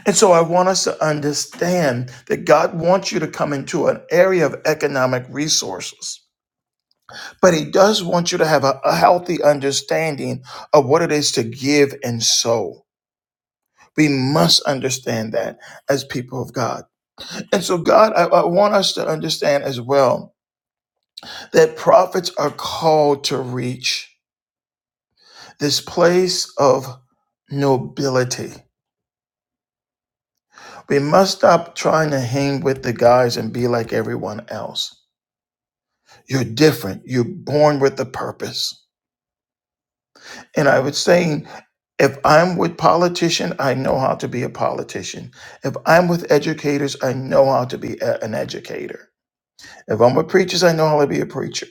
And so I want us to understand that God wants you to come into an area of economic resources, but He does want you to have a, a healthy understanding of what it is to give and sow. We must understand that as people of God. And so, God, I, I want us to understand as well that prophets are called to reach this place of nobility. We must stop trying to hang with the guys and be like everyone else. You're different, you're born with a purpose. And I was saying, if I'm with politicians, I know how to be a politician. If I'm with educators, I know how to be a- an educator. If I'm with preachers, I know how to be a preacher.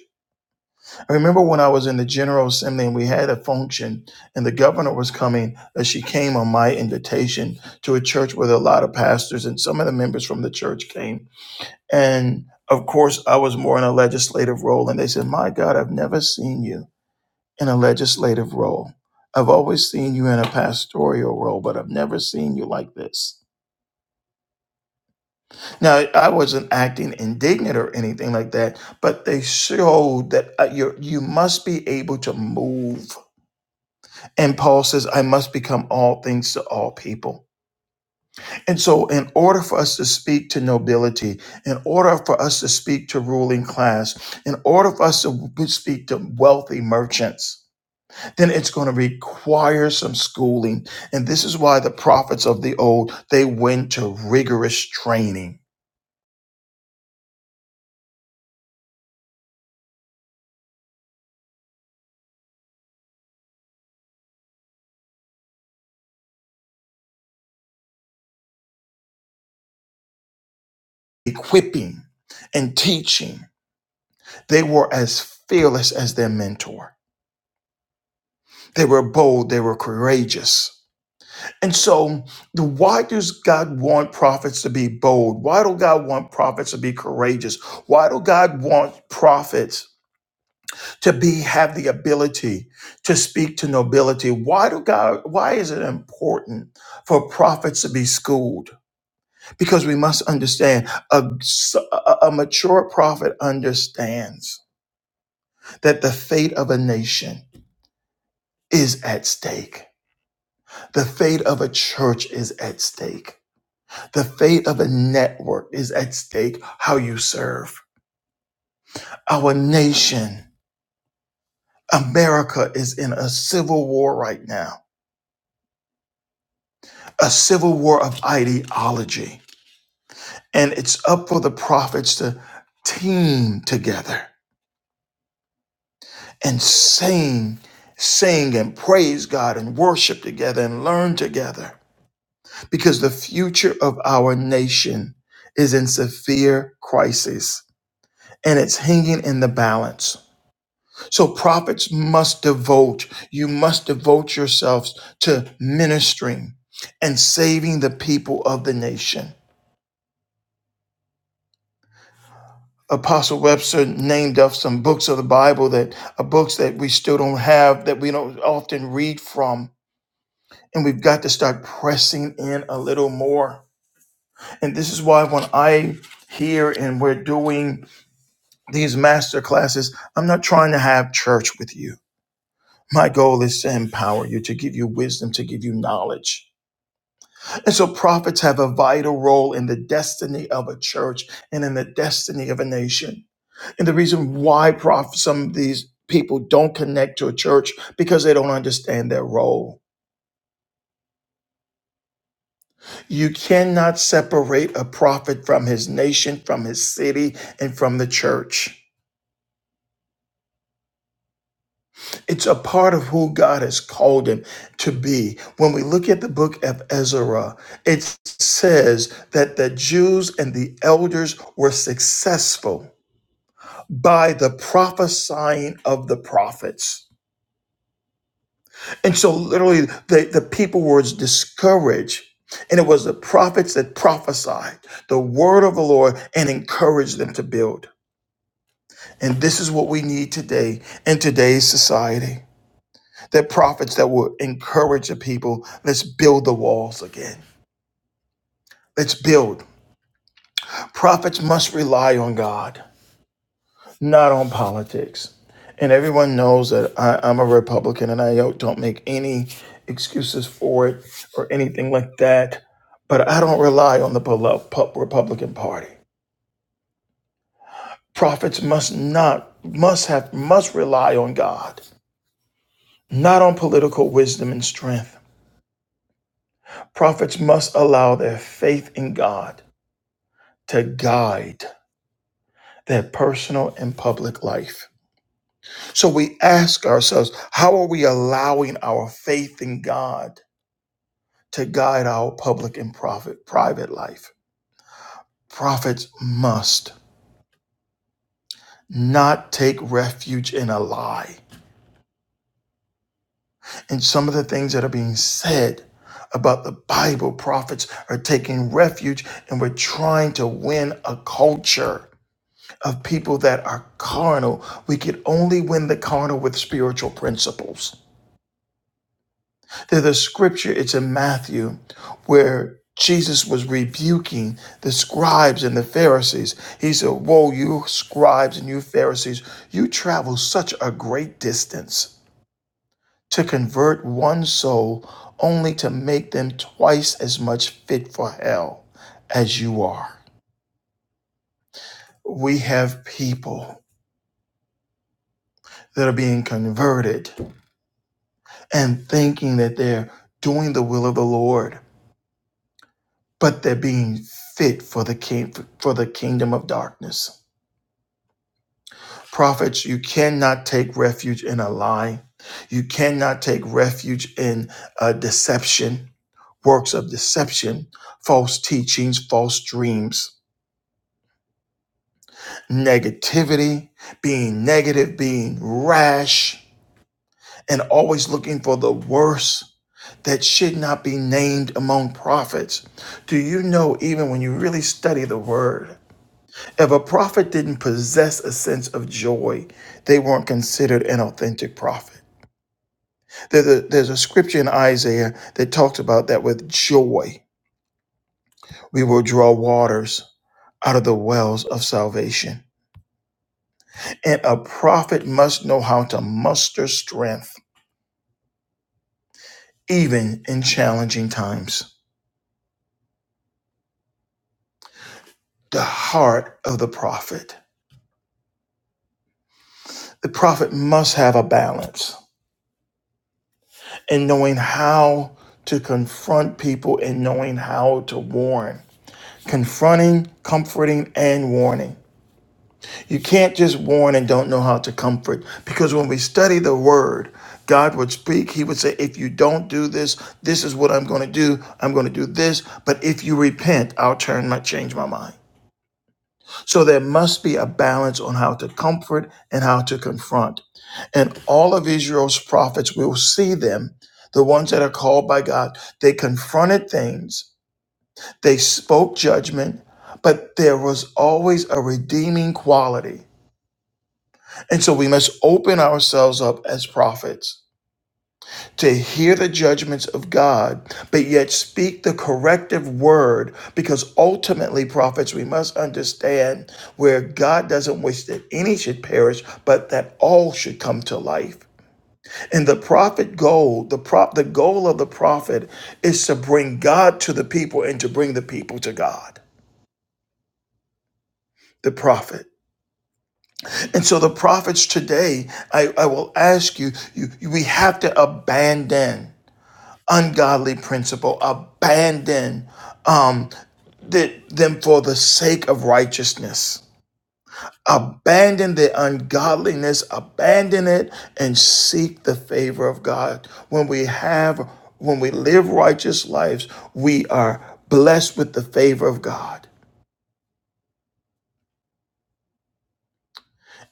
I remember when I was in the General Assembly and we had a function and the governor was coming, that she came on my invitation to a church with a lot of pastors and some of the members from the church came. And of course, I was more in a legislative role. And they said, My God, I've never seen you in a legislative role. I've always seen you in a pastoral role, but I've never seen you like this. Now, I wasn't acting indignant or anything like that, but they showed that uh, you you must be able to move And Paul says, I must become all things to all people. And so, in order for us to speak to nobility, in order for us to speak to ruling class, in order for us to speak to wealthy merchants, then it's going to require some schooling. And this is why the prophets of the old, they went to rigorous training, equipping, and teaching. They were as fearless as their mentor. They were bold, they were courageous And so, the- why does God want prophets to be bold? Why do God want prophets to be courageous? Why do God want prophets to be have the ability to speak to nobility? Why do God? Why is it important for prophets to be schooled? Because we must understand a a a mature prophet understands that the fate of a nation is at stake. The fate of a church is at stake. The fate of a network is at stake how you serve. Our nation, America, is in a civil war right now, a civil war of ideology. And it's up for the prophets to team together and sing, sing and praise God and worship together and learn together because the future of our nation is in severe crisis and it's hanging in the balance So prophets must devote, you must devote yourselves to ministering and saving the people of the nation. Apostle Webster named up some books of the Bible that are books that we still don't have, that we don't often read from. And we've got to start pressing in a little more. And this is why when I hear and we're doing these master classes, I'm not trying to have church with you. My goal is to empower you, to give you wisdom, to give you knowledge And so prophets have a vital role in the destiny of a church and in the destiny of a nation. And the reason why prof- some of these people don't connect to a church because they don't understand their role. You cannot separate a prophet from his nation, from his city, and from the church. It's a part of who God has called him to be. When we look at the book of Ezra, it says that the Jews and the elders were successful by the prophesying of the prophets. And so literally the, the people were discouraged. And it was the prophets that prophesied the word of the Lord and encouraged them to build. And this is what we need today in today's society. That prophets that will encourage the people, let's build the walls again. Let's build. Prophets must rely on God. not on politics. And everyone knows that I, I'm a Republican and I don't make any excuses for it or anything like that. But I don't rely on the pol- pu- Republican Party. Prophets must not, must have, must rely on God, not on political wisdom and strength. Prophets must allow their faith in God to guide their personal and public life. So we ask ourselves, how are we allowing our faith in God? to guide our public and prophet, private life. Prophets must not take refuge in a lie. And some of the things that are being said about the Bible, prophets are taking refuge and we're trying to win a culture of people that are carnal. We could only win the carnal with spiritual principles. There's a scripture, it's in Matthew, where Jesus was rebuking the scribes and the Pharisees. He said, Woe, you scribes and you Pharisees, you travel such a great distance to convert one soul only to make them twice as much fit for hell as you are. We have people that are being converted and thinking that they're doing the will of the Lord but they're being fit for the king for the kingdom of darkness. Prophets, you cannot take refuge in a lie. You cannot take refuge in uh, deception, works of deception, false teachings, false dreams, negativity, being negative, being rash, and always looking for the worst that should not be named among prophets. Do you know, even when you really study the word, If a prophet didn't possess a sense of joy, they weren't considered an authentic prophet. There's a, there's a scripture in Isaiah that talks about that with joy, we will draw waters out of the wells of salvation. And a prophet must know how to muster strength, even in challenging times. The heart of the prophet. The prophet must have a balance in knowing how to confront people and knowing how to warn confronting, comforting, and warning. You can't just warn and don't know how to comfort because when we study the word, God would speak. He would say, If you don't do this, this is what I'm going to do. I'm going to do this. But if you repent, I'll turn my change my mind. So there must be a balance on how to comfort and how to confront. And all of Israel's prophets will see them, the ones that are called by God. They confronted things they spoke judgment, but there was always a redeeming quality. And so we must open ourselves up as prophets to hear the judgments of God, but yet speak the corrective word, because ultimately, prophets, we must understand where God doesn't wish that any should perish, but that all should come to life. And the prophet goal, the prop, the goal of the prophet is to bring God to the people and to bring the people to God. The prophet. And so the prophets today, I, I will ask you, you, we have to abandon ungodly principle, abandon um, the, them for the sake of righteousness. Abandon the ungodliness, abandon it, and seek the favor of God. When we have, when we live righteous lives, we are blessed with the favor of God.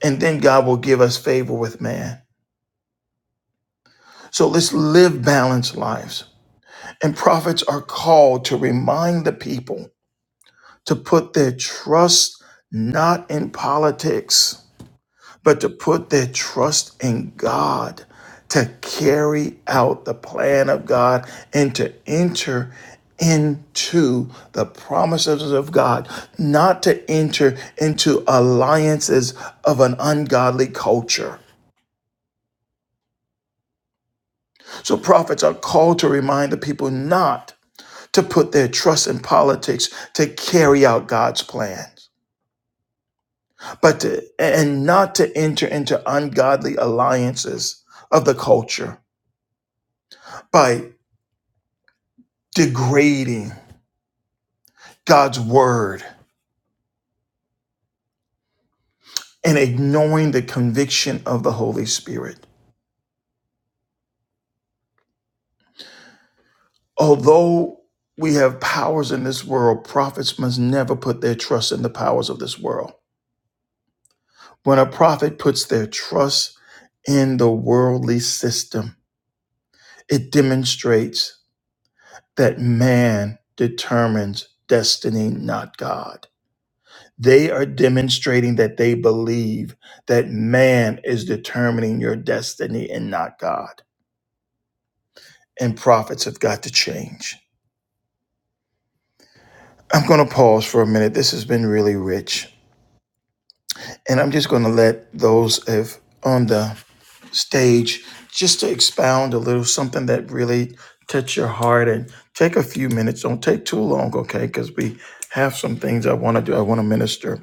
And then God will give us favor with man. So let's live balanced lives. And prophets are called to remind the people to put their trust not in politics, but to put their trust in God, to carry out the plan of God and to enter into the promises of God, not to enter into alliances of an ungodly culture. So prophets are called to remind the people not to put their trust in politics to carry out God's plans, but to, and not to enter into ungodly alliances of the culture by degrading God's word and ignoring the conviction of the Holy Spirit. Although we have powers in this world, prophets must never put their trust in the powers of this world. When a prophet puts their trust in the worldly system, it demonstrates that man determines destiny, not God. They are demonstrating that they believe that man is determining your destiny and not God. And prophets have got to change. I'm going to pause for a minute. This has been really rich. And I'm just going to let those if on the stage just to expound a little something that really touched your heart and take a few minutes. Don't take too long, okay? Because we have some things I want to do. I want to minister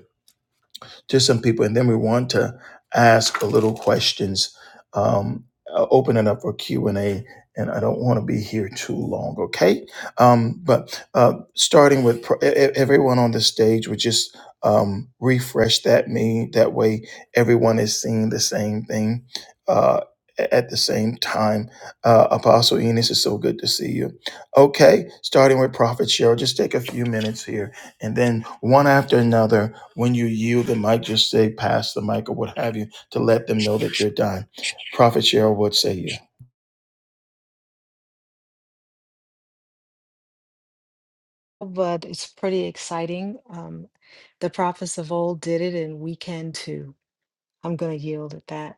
to some people, and then we want to ask a little questions, um, uh, open it up for Q and A. And I don't want to be here too long, okay? Um, but uh, starting with pr- e- e- everyone on the stage, would just um, refresh that me. That way, everyone is seeing the same thing uh, a- at the same time. Uh, Apostle Enos, it's so good to see you. Okay, starting with Prophet Cheryl, just take a few minutes here and then one after another. When you yield the mic, just say pass the mic or what have you to let them know that you're done. Prophet Cheryl, what say you? but it's pretty exciting um, the prophets of old did it and we can too i'm going to yield at that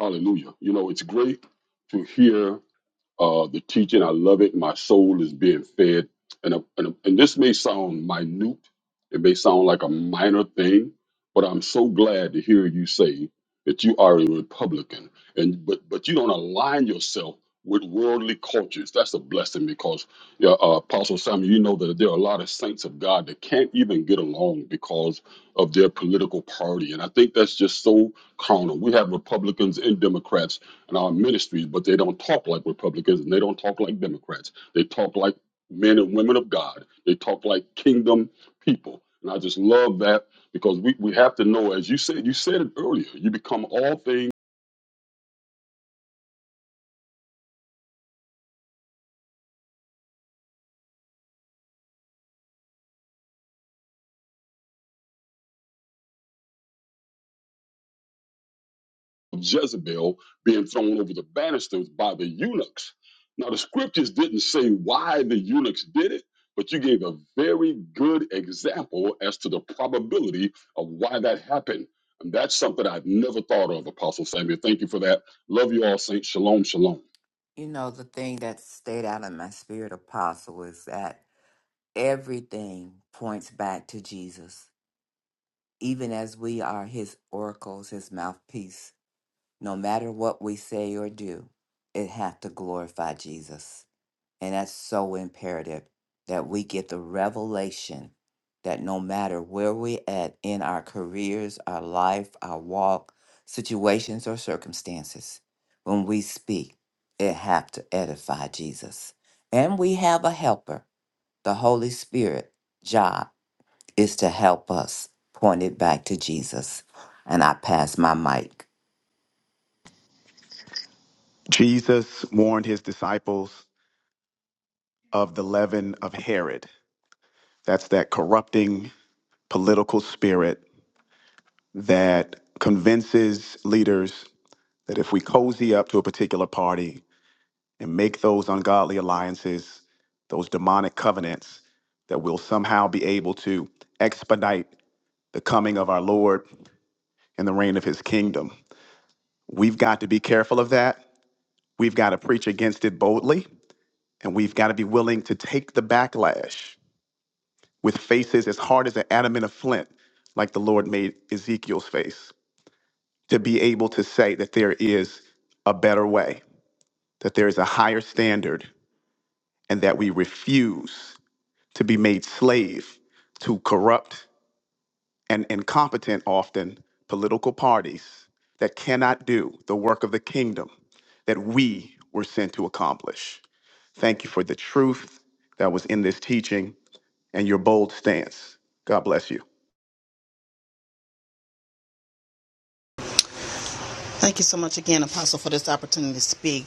Hallelujah. You know, it's great to hear Uh, the teaching, I love it. My soul is being fed. And, a, and, a- and this may sound minute, it may sound like a minor thing, but I'm so glad to hear you say that you are a Republican. And but but you don't align yourself with worldly cultures. That's a blessing because yeah, uh, Apostle Samuel, you know that there are a lot of saints of God that can't even get along because of their political party. And I think that's just so carnal. We have Republicans and Democrats and our ministries, but they don't talk like Republicans and they don't talk like Democrats. They talk like men and women of God. They talk like kingdom people. And I just love that because we, we have to know, as you said, you said it earlier, you become all things Jezebel being thrown over the banisters by the eunuchs. Now, the scriptures didn't say why the eunuchs did it, but you gave a very good example as to the probability of why that happened. And that's something I've never thought of, Apostle Samuel. Thank you for that. Love you all, Saints. Shalom, shalom. You know, the thing that stayed out of my spirit, Apostle, is that everything points back to Jesus, even as we are his oracles, his mouthpiece. No matter what we say or do, it hath to glorify Jesus. And that's so imperative that we get the revelation that no matter where we're at in our careers, our life, our walk, situations, or circumstances, when we speak, it have to edify Jesus. And we have a helper, the Holy Spirit. Job is to help us point it back to Jesus. And I pass my mic. Jesus warned his disciples of the leaven of Herod. That's that corrupting political spirit that convinces leaders that if we cozy up to a particular party and make those ungodly alliances, those demonic covenants, that we'll somehow be able to expedite the coming of our Lord and the reign of his kingdom. We've got to be careful of that. We've got to preach against it boldly, and we've got to be willing to take the backlash with faces as hard as an adamant of flint, like the Lord made Ezekiel's face, to be able to say that there is a better way, that there is a higher standard, and that we refuse to be made slave to corrupt and incompetent, often political parties that cannot do the work of the kingdom that we were sent to accomplish. Thank you for the truth that was in this teaching and your bold stance. God bless you. Thank you so much again, Apostle, for this opportunity to speak.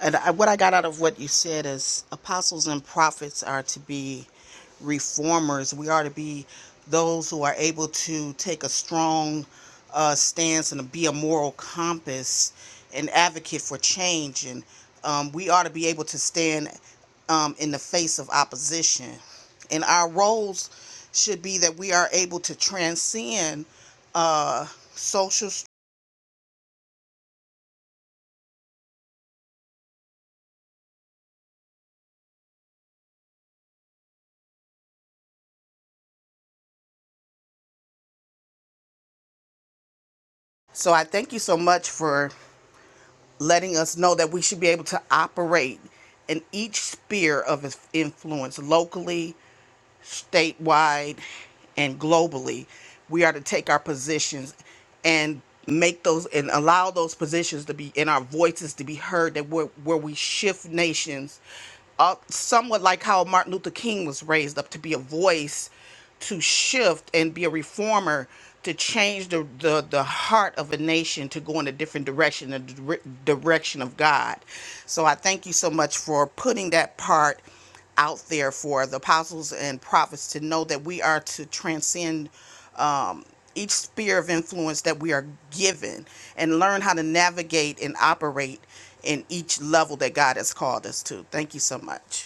And I, what I got out of what you said is apostles and prophets are to be reformers. We are to be those who are able to take a strong uh, stance and be a moral compass and advocate for change. And um, we are to be able to stand um, in the face of opposition. And our roles should be that we are able to transcend. Uh, social So I thank you so much for letting us know that we should be able to operate in each sphere of influence locally statewide and globally, we are to take our positions and make those and allow those positions to be and our voices to be heard that where, where we shift nations up somewhat like how Martin Luther King was raised up to be a voice to shift and be a reformer to change the, the, the heart of a nation to go in a different direction, the dire- direction of God. So I thank you so much for putting that part out there for the apostles and prophets to know that we are to transcend um, each sphere of influence that we are given and learn how to navigate and operate in each level that God has called us to. Thank you so much.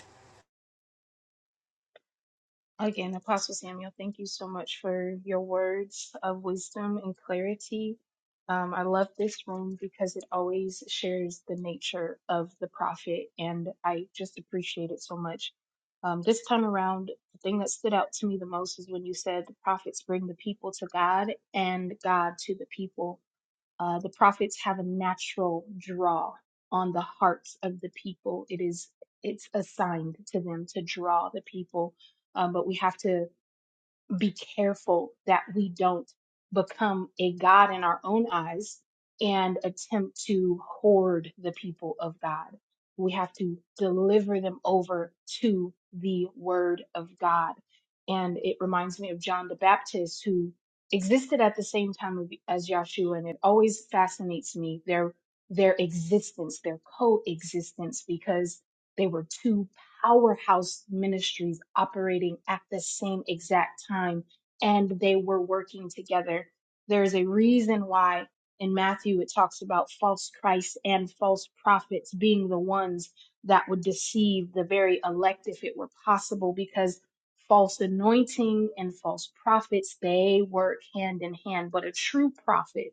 Again, Apostle Samuel, thank you so much for your words of wisdom and clarity. Um, I love this room because it always shares the nature of the prophet, and I just appreciate it so much. Um, this time around, the thing that stood out to me the most is when you said the prophets bring the people to God and God to the people. Uh, the prophets have a natural draw on the hearts of the people. It is it's assigned to them to draw the people, um, but we have to be careful that we don't become a God in our own eyes and attempt to hoard the people of God. We have to deliver them over to the word of God. And it reminds me of John the Baptist, who existed at the same time of- as Yahshua. And it always fascinates me their, their existence, their coexistence, because they were two powerhouse ministries operating at the same exact time, and they were working together. There is a reason why in Matthew it talks about false Christ and false prophets being the ones that would deceive the very elect if it were possible, because false anointing and false prophets they work hand in hand, but a true prophet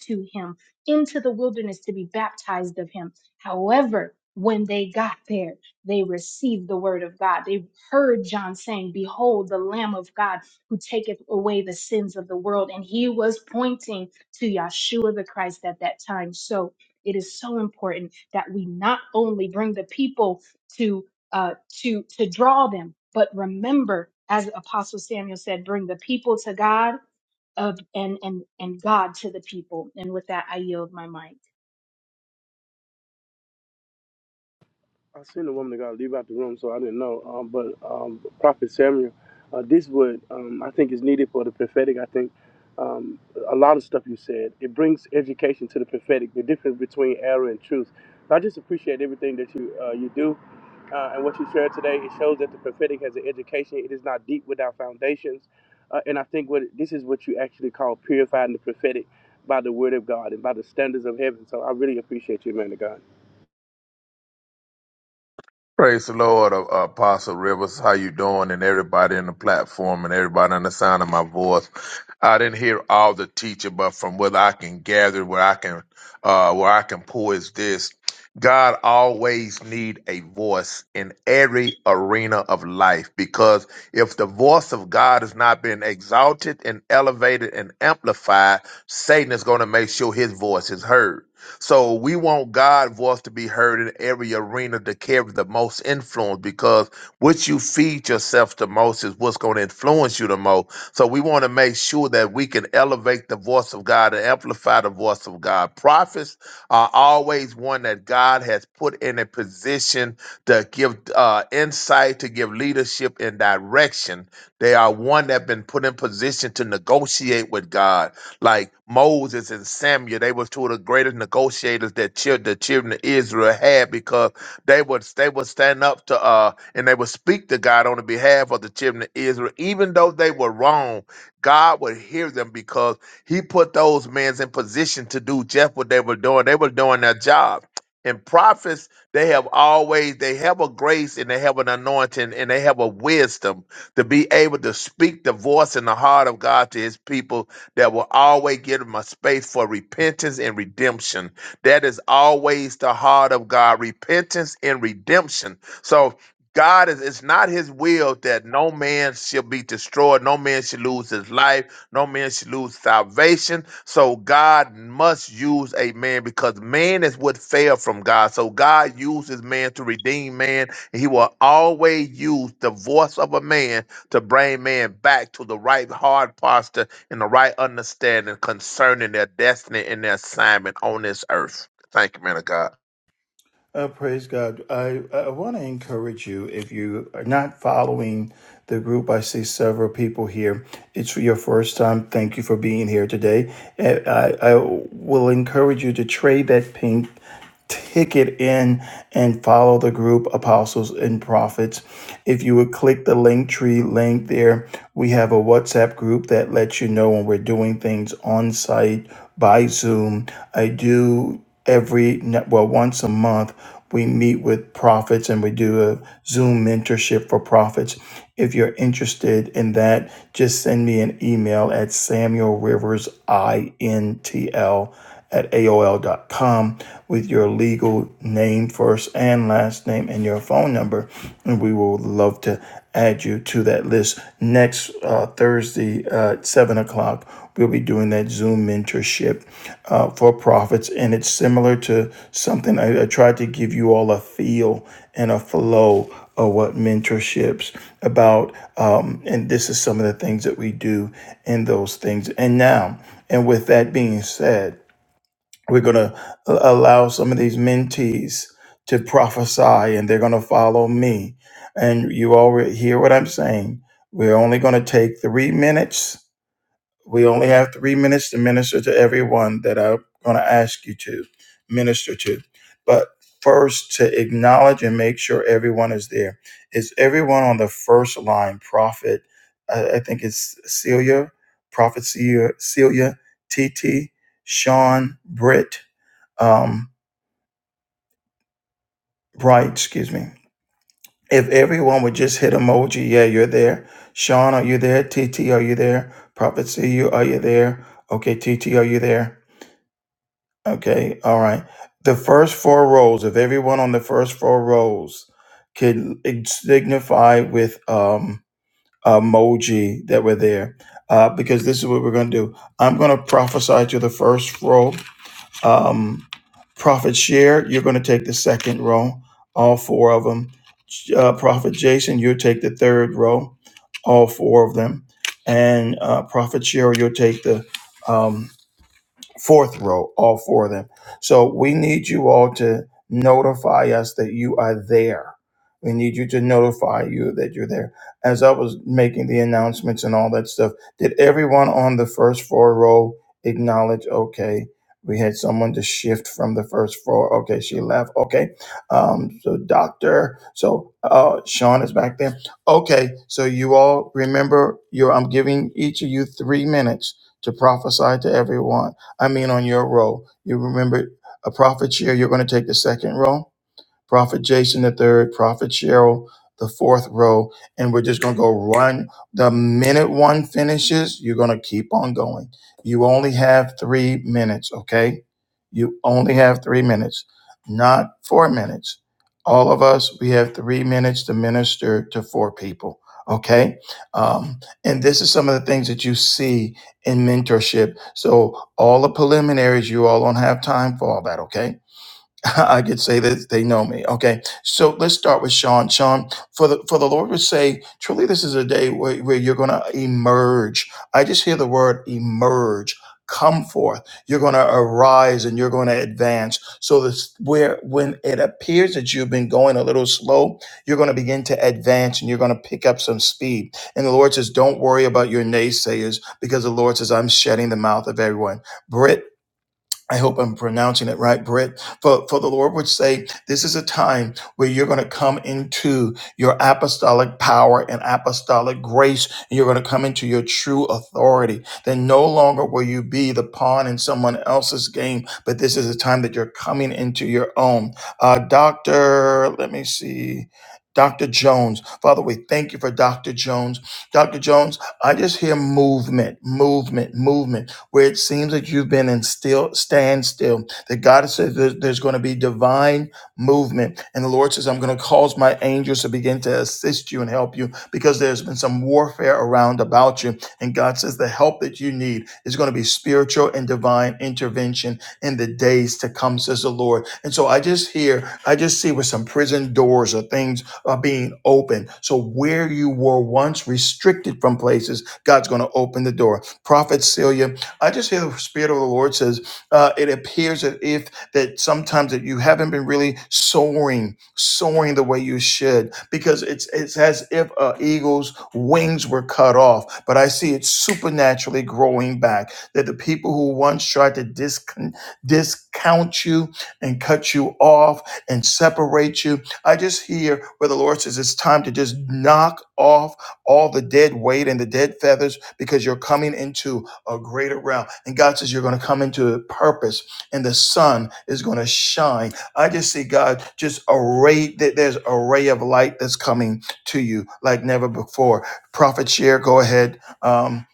to him into the wilderness to be baptized of him. However, when they got there, they received the word of God. They heard John saying, Behold, the Lamb of God who taketh away the sins of the world. And he was pointing to Yahshua the Christ at that time. So it is so important that we not only bring the people to uh, to to draw them, but remember, as Apostle Samuel said, bring the people to God of and and and God to the people. And with that, I yield my mic. I seen a woman that got to leave out the room, so I didn't know. Um, but um, Prophet Samuel, uh, this would um, I think is needed for the prophetic. I think um, a lot of stuff you said it brings education to the prophetic. The difference between error and truth. So I just appreciate everything that you uh, you do uh, and what you shared today. It shows that the prophetic has an education. It is not deep without foundations, uh, and I think what this is what you actually call purifying the prophetic by the word of God and by the standards of heaven. So I really appreciate you, man of God. Praise the Lord, uh, Apostle Rivers. How you doing? And everybody in the platform and everybody on the sound of my voice. I didn't hear all the teaching, but from what I can gather, where I can, uh, where I can pull is this: God always need a voice in every arena of life, because if the voice of God has not been exalted and elevated and amplified, Satan is going to make sure his voice is heard. So we want God's voice to be heard in every arena to carry the most influence because what you feed yourself the most is what's going to influence you the most. So we want to make sure that we can elevate the voice of God and amplify the voice of God. Prophets are always one that God has put in a position to give uh, insight, to give leadership and direction. They are one that been put in position to negotiate with God like Moses and Samuel. They was two of the greatest negotiators that chil- the children of Israel had because they would they would stand up to uh and they would speak to God on the behalf of the children of Israel, even though they were wrong. God would hear them because He put those men in position to do just what they were doing. They were doing their job. And prophets, they have always they have a grace and they have an anointing and they have a wisdom to be able to speak the voice and the heart of God to His people that will always give them a space for repentance and redemption. That is always the heart of God repentance and redemption. So, God is, it's not his will that no man should be destroyed, no man should lose his life, no man should lose salvation. So God must use a man because man is what fell from God. So God uses man to redeem man. And he will always use the voice of a man to bring man back to the right hard posture and the right understanding concerning their destiny and their assignment on this earth. Thank you, man of God. Uh, praise God. I, I want to encourage you if you are not following the group, I see several people here. It's your first time. Thank you for being here today. And I, I will encourage you to trade that pink Take it in and follow the group Apostles and Prophets. If you would click the link tree link there, we have a WhatsApp group that lets you know when we're doing things on site by Zoom. I do every well once a month we meet with prophets and we do a Zoom mentorship for prophets. If you're interested in that, just send me an email at Samuel Rivers INTL at aol dot com with your legal name, first and last name, and your phone number. And we will love to add you to that list. Next uh, Thursday uh, at 7 o'clock, we'll be doing that Zoom mentorship uh, for profits. And it's similar to something I, I tried to give you all a feel and a flow of what mentorships about. Um, and this is some of the things that we do in those things. And now, and with that being said, we're going to allow some of these mentees to prophesy and they're going to follow me. And you already hear what I'm saying. We're only going to take three minutes. We only have three minutes to minister to everyone that I'm going to ask you to minister to. But first, to acknowledge and make sure everyone is there. Is everyone on the first line, Prophet? I, I think it's Celia, Prophet Celia, Celia TT, Sean, Britt um, Right. excuse me. If everyone would just hit emoji, yeah, you're there. Sean, are you there? TT, are you there? Prophet CU, are you there? Okay, TT, are you there? Okay, all right. The first four rows, if everyone on the first four rows could signify with um, emoji that we're there, uh, because this is what we're going to do. I'm going to prophesy to the first row Um, Prophet Share, you're going to take the second row, all four of them. Uh, Prophet Jason, you'll take the third row, all four of them. And uh, Prophet Share, you'll take the um, fourth row, all four of them. So we need you all to notify us that you are there. We need you to notify you that you're there. As I was making the announcements and all that stuff, did everyone on the first floor row acknowledge? Okay, we had someone to shift from the first floor. Okay, she left. Okay, um, so doctor, so uh, Sean is back there. Okay, so you all remember, you I'm giving each of you three minutes to prophesy to everyone I mean, on your roll. You remember a profit share, you're going to take the second roll. Prophet Jason the third, Prophet Cheryl the fourth row, and we're just gonna go run. The minute one finishes, you're gonna keep on going. You only have three minutes, okay? You only have three minutes, not four minutes. All of us, we have three minutes to minister to four people, okay? Um, and this is some of the things that you see in mentorship. So all the preliminaries, you all don't have time for all that, okay? I could say that they know me. Okay, so let's start with Sean. Sean, for the for the Lord would say, truly, this is a day where, where you're going to emerge. I just hear the word emerge. Come forth. You're going to arise and you're going to advance. So this where when it appears that you've been going a little slow, you're going to begin to advance and you're going to pick up some speed. And the Lord says, don't worry about your naysayers because the Lord says, I'm shutting the mouth of everyone. Brit, I hope I'm pronouncing it right, Britt. For, for the Lord would say, this is a time where you're going to come into your apostolic power and apostolic grace, and you're going to come into your true authority. Then no longer will you be the pawn in someone else's game, but this is a time that you're coming into your own. Uh, Dr. Let me see. Dr. Jones, Father, we thank you for Dr. Jones. Dr. Jones, I just hear movement, movement, movement where it seems that you've been in still standstill. That God says there's, there's going to be divine movement, and the Lord says, "I'm going to cause my angels to begin to assist you and help you because there's been some warfare around about you." And God says, "The help that you need is going to be spiritual and divine intervention in the days to come," says the Lord. And so I just hear, I just see where some prison doors or things are being opened. So where you were once restricted from places, God's going to open the door. Prophet Celia, I just hear the Spirit of the Lord says, uh, it appears that if that sometimes that you haven't been really soaring, soaring the way you should, because it's it's as if an eagle's wings were cut off. But I see it supernaturally growing back. That the people who once tried to discon- discount you and cut you off and separate you, I just hear where the Lord says it's time to just knock off all the dead weight and the dead feathers because you're coming into a greater realm. And God says, You're going to come into purpose, and the sun is going to shine. I just see God just array that there's a ray of light that's coming to you like never before. Prophet Share, go ahead. Um,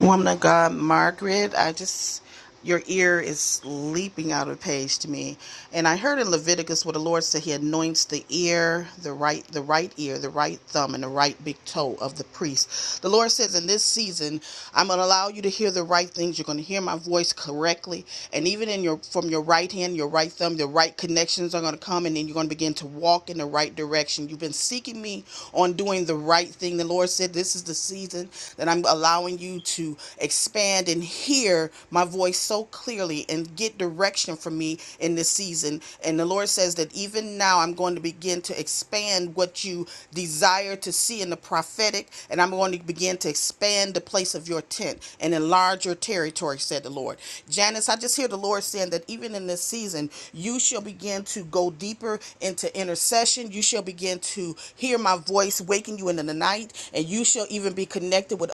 Woman of God, Margaret, I just, your ear is leaping out of the page to me. And I heard in Leviticus where the Lord said he anoints the ear, the right, the right ear, the right thumb, and the right big toe of the priest. The Lord says in this season, I'm going to allow you to hear the right things. You're going to hear my voice correctly. And even in your, from your right hand, your right thumb, the right connections are going to come. And then you're going to begin to walk in the right direction. You've been seeking me on doing the right thing. The Lord said, this is the season that I'm allowing allowing you to expand and hear my voice so clearly and get direction from me in this season. And the Lord says that even now I'm going to begin to expand what you desire to see in the prophetic, and I'm going to begin to expand the place of your tent and enlarge your territory, said the Lord. Janice, I just hear the Lord saying that even in this season, you shall begin to go deeper into intercession. You shall begin to hear my voice waking you in the night, and you shall even be connected with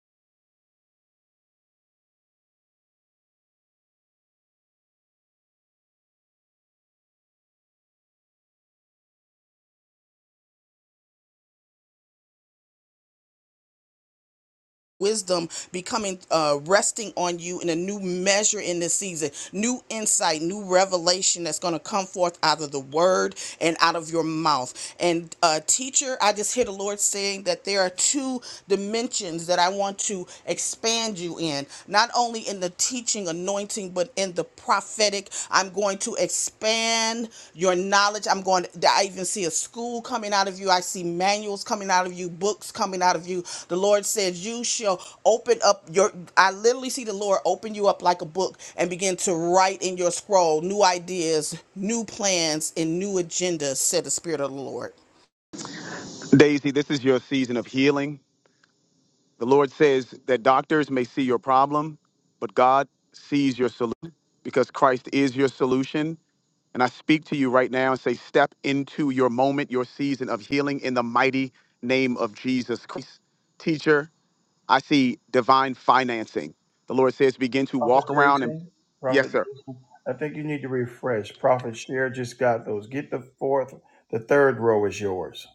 wisdom becoming uh resting on you in a new measure in this season new insight new revelation that's going to come forth out of the word and out of your mouth and uh teacher i just hear the lord saying that there are two dimensions that i want to expand you in not only in the teaching anointing but in the prophetic prophetic. I'm going to expand your knowledge. I'm going to, I even see a school coming out of you. I see manuals coming out of you, books coming out of you. The Lord says, You shall open up your, I literally see the Lord open you up like a book and begin to write in your scroll new ideas, new plans, and new agendas, said the Spirit of the Lord. Daisy, this is your season of healing. The Lord says that doctors may see your problem, but God sees your solution because Christ is your solution. And I speak to you right now and say, step into your moment, your season of healing in the mighty name of Jesus Christ. Teacher, I see divine financing. The Lord says, begin to Prophet walk around and, Jason, yes, Prophet sir. Jason, I think you need to refresh. Prophet Share just got those. Get the fourth, the third row is yours.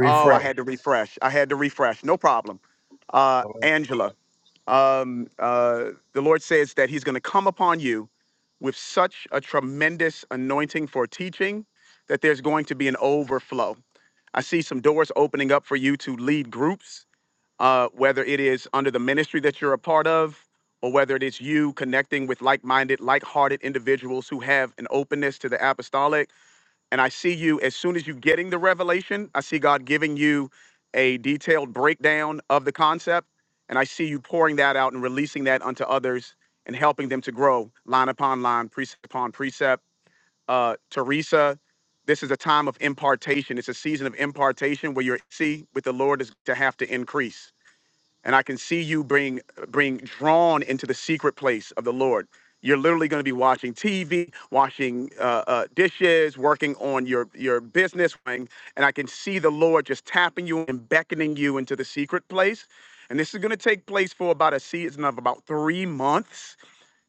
Oh, I had to refresh. I had to refresh. No problem. Uh, Angela, um, uh, the Lord says that He's going to come upon you with such a tremendous anointing for teaching that there's going to be an overflow. I see some doors opening up for you to lead groups, uh, whether it is under the ministry that you're a part of, or whether it is you connecting with like minded, like hearted individuals who have an openness to the apostolic and I see you as soon as you getting the revelation, I see God giving you a detailed breakdown of the concept. And I see you pouring that out and releasing that unto others and helping them to grow line upon line, precept upon precept. Uh, Teresa, this is a time of impartation. It's a season of impartation where your see with the Lord is to have to increase and I can see you being being drawn into the secret place of the Lord. You're literally going to be watching TV, washing uh, uh, dishes, working on your your business, right? and I can see the Lord just tapping you and beckoning you into the secret place. And this is going to take place for about a season of about three months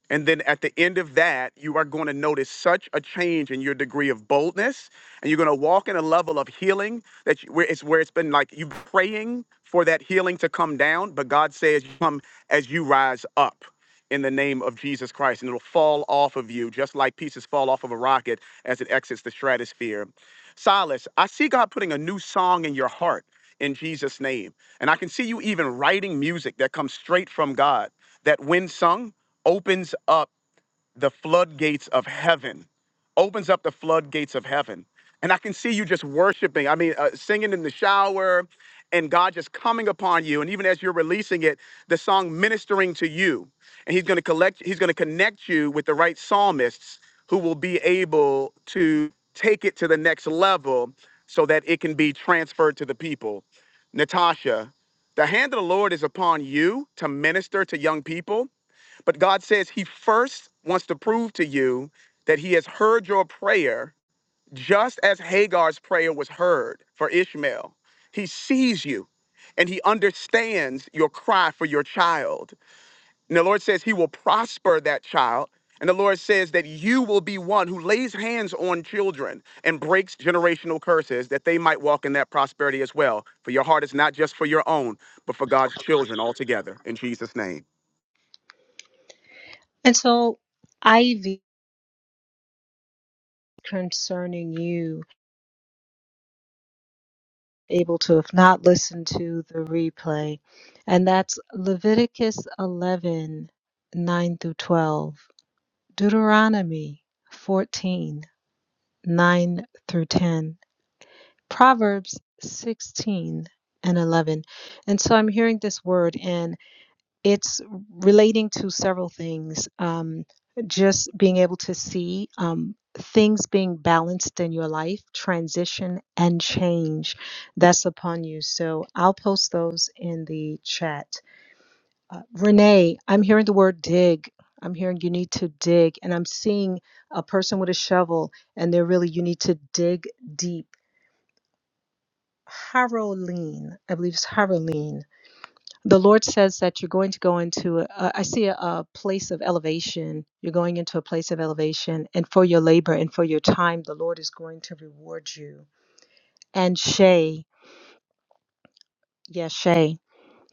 and then at the end of that, you are going to notice such a change in your degree of boldness, and you're going to walk in a level of healing that you, where it's where it's been like you praying for that healing to come down, but God says, "You "Come as you rise up." In the name of Jesus Christ, and it'll fall off of you just like pieces fall off of a rocket as it exits the stratosphere. Silas, I see God putting a new song in your heart in Jesus' name. And I can see you even writing music that comes straight from God that, when sung, opens up the floodgates of heaven, opens up the floodgates of heaven. And I can see you just worshiping. I mean, uh, singing in the shower and God just coming upon you. And even as you're releasing it, the song ministering to you. And He's going to collect, He's going to connect you with the right psalmists who will be able to take it to the next level so that it can be transferred to the people. Natasha, the hand of the Lord is upon you to minister to young people but God says He first wants to prove to you that He has heard your prayer, just as Hagar's prayer was heard for Ishmael. He sees you and He understands your cry for your child. And the Lord says He will prosper that child. And the Lord says that you will be one who lays hands on children and breaks generational curses that they might walk in that prosperity as well. For your heart is not just for your own, but for God's children altogether. In Jesus' name. And so, Ivy, concerning you, able to have not listened to the replay, and that's Leviticus 11 9 through 12, Deuteronomy 14. 9 through 10, Proverbs 16 and 11. And so I'm hearing this word, and it's relating to several things. Um, just being able to see um, things being balanced in your life, transition and change that's upon you. So I'll post those in the chat. Uh, Renee, I'm hearing the word dig. I'm hearing you need to dig, and I'm seeing a person with a shovel, and they're really, you need to dig deep. Haroline, I believe it's Haroline. The Lord says that you're going to go into, a, I see a, a place of elevation. You're going into a place of elevation, and for your labor and for your time, the Lord is going to reward you. And Shay, yes, Shay.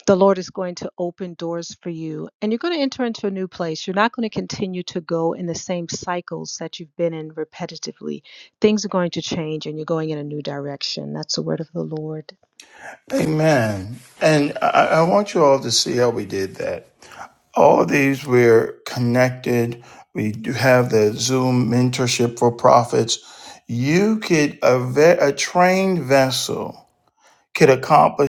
the Lord is going to open doors for you and you're going to enter into a new place. You're not going to continue to go in the same cycles that you've been in repetitively. Things are going to change and you're going in a new direction. That's the word of the Lord. Amen. And I, I want you all to see how we did that. all of these we're connected we do have the zoom mentorship for profits you could a, ve- a trained vessel could accomplish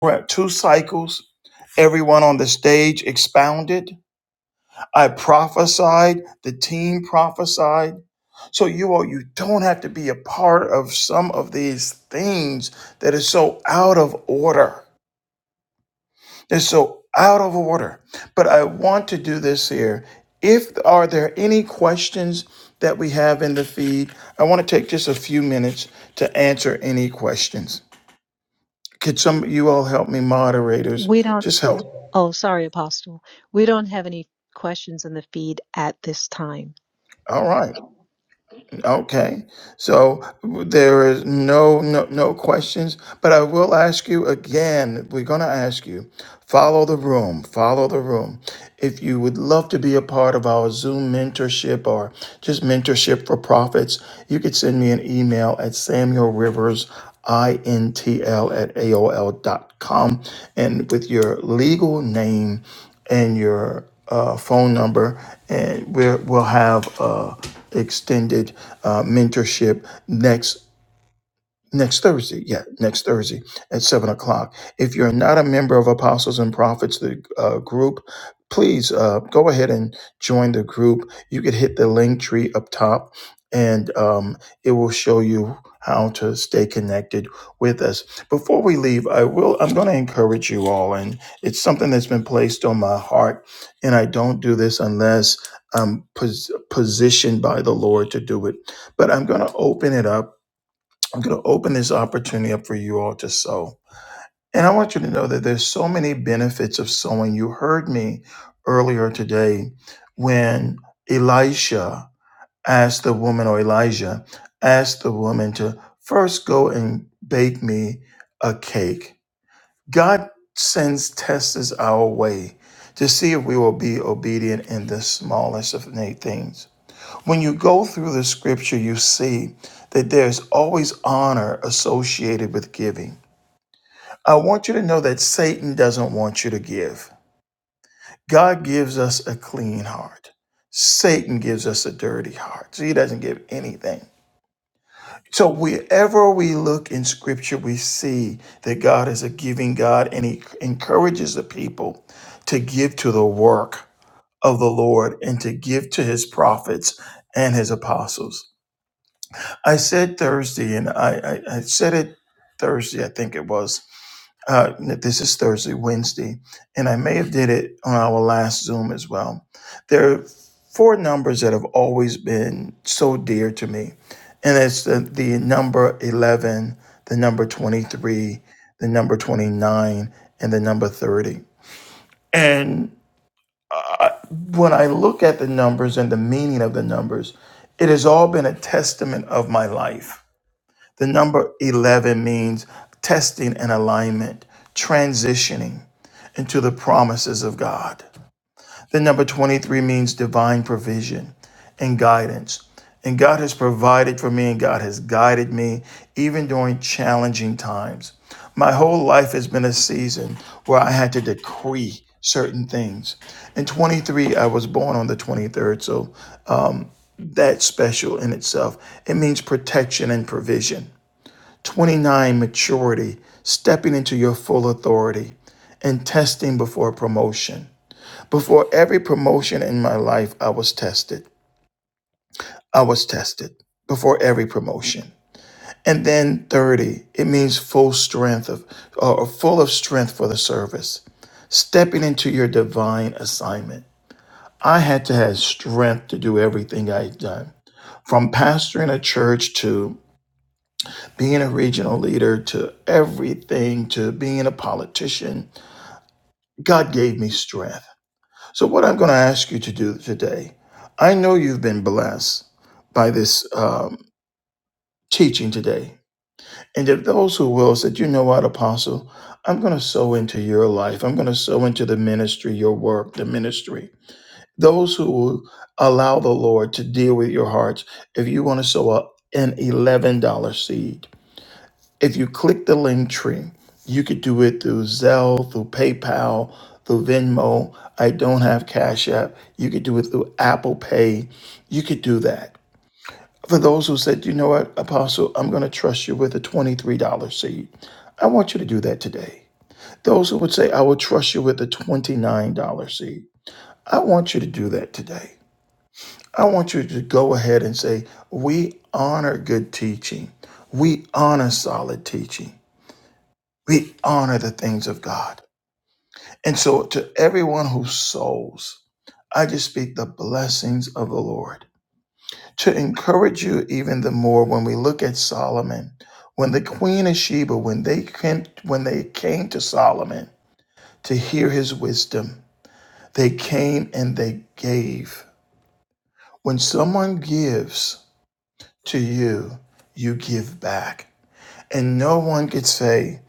what, two cycles everyone on the stage expounded i prophesied the team prophesied so you all you don't have to be a part of some of these things that is so out of order They're so out of order. But I want to do this here. If are there any questions that we have in the feed? I want to take just a few minutes to answer any questions. Could some you all help me, moderators? We don't, Just help. oh, sorry, Apostle. We don't have any questions in the feed at this time. All right. Okay, so there is no no no questions, but I will ask you again. We're gonna ask you. Follow the room. Follow the room. If you would love to be a part of our Zoom mentorship or just mentorship for profits, you could send me an email at Samuel Rivers intl at AOL dot com, and with your legal name and your uh, phone number and we're, we'll have uh, extended uh, mentorship next Next Thursday, yeah, next Thursday at seven o'clock. If you're not a member of Apostles and Prophets, the uh, group, please uh, go ahead and join the group. You could hit the link tree up top, and um, it will show you how to stay connected with us. Before we leave, I will. I'm going to encourage you all, and it's something that's been placed on my heart. And I don't do this unless I'm pos- positioned by the Lord to do it. But I'm going to open it up I'm going to open this opportunity up for you all to sow. And I want you to know that there's so many benefits of sowing. You heard me earlier today when Elisha asked the woman, or Elijah asked the woman to first go and bake me a cake. God sends tests our way to see if we will be obedient in the smallest of things. When you go through the scripture, you see that there's always honor associated with giving. I want you to know that Satan doesn't want you to give. God gives us a clean heart. Satan gives us a dirty heart. So he doesn't give anything. So wherever we look in scripture, we see that God is a giving God and he encourages the people to give to the work of the Lord and to give to his prophets and his apostles. I said Thursday, and I, I, I said it Thursday, I think it was. Uh, this is Thursday, Wednesday, and I may have did it on our last Zoom as well. There are four numbers that have always been so dear to me, and it's the, the number 11, the number 23, the number 29, and the number 30. And I, when I look at the numbers and the meaning of the numbers, it has all been a testament of my life the number 11 means testing and alignment, transitioning into the promises of God. The number 23 means divine provision and guidance. And God has provided for me and God has guided me even during challenging times. My whole life has been a season where I had to decree certain things. In 23, I was born on the 23rd, so that's special in itself. It means protection and provision. 29 maturity, stepping into your full authority and testing before promotion. Before every promotion in my life, I was tested. I was tested before every promotion. And then 30, it means full strength of or full of strength for the service, stepping into your divine assignment. I had to have strength to do everything I had done. From pastoring a church to being a regional leader to everything to being a politician God gave me strength. So, what I'm going to ask you to do today, I know you've been blessed by this um, teaching today. And if those who will said, you know what, Apostle, I'm going to sow into your life, I'm going to sow into the ministry, your work, the ministry. Those who will allow the Lord to deal with your hearts, if you want to sow a, an $11 seed, If you click the link tree, you could do it through Zelle, through PayPal, through Venmo. I don't have Cash App. You could do it through Apple Pay. You could do that. For those who said, you know what, Apostle, I'm going to trust you with a $23 seed, I want you to do that today. Those who would say, I will trust you with a $29 seed, I want you to do that today. I want you to go ahead and say, We honor good teaching. We honor solid teaching. We honor the things of God. And so, to everyone who sows, I just speak the blessings of the Lord to encourage you even the more when we look at Solomon, when the Queen of Sheba, when they came, when they came to Solomon to hear his wisdom, they came and they gave. When someone gives to you, you give back. And no one could say,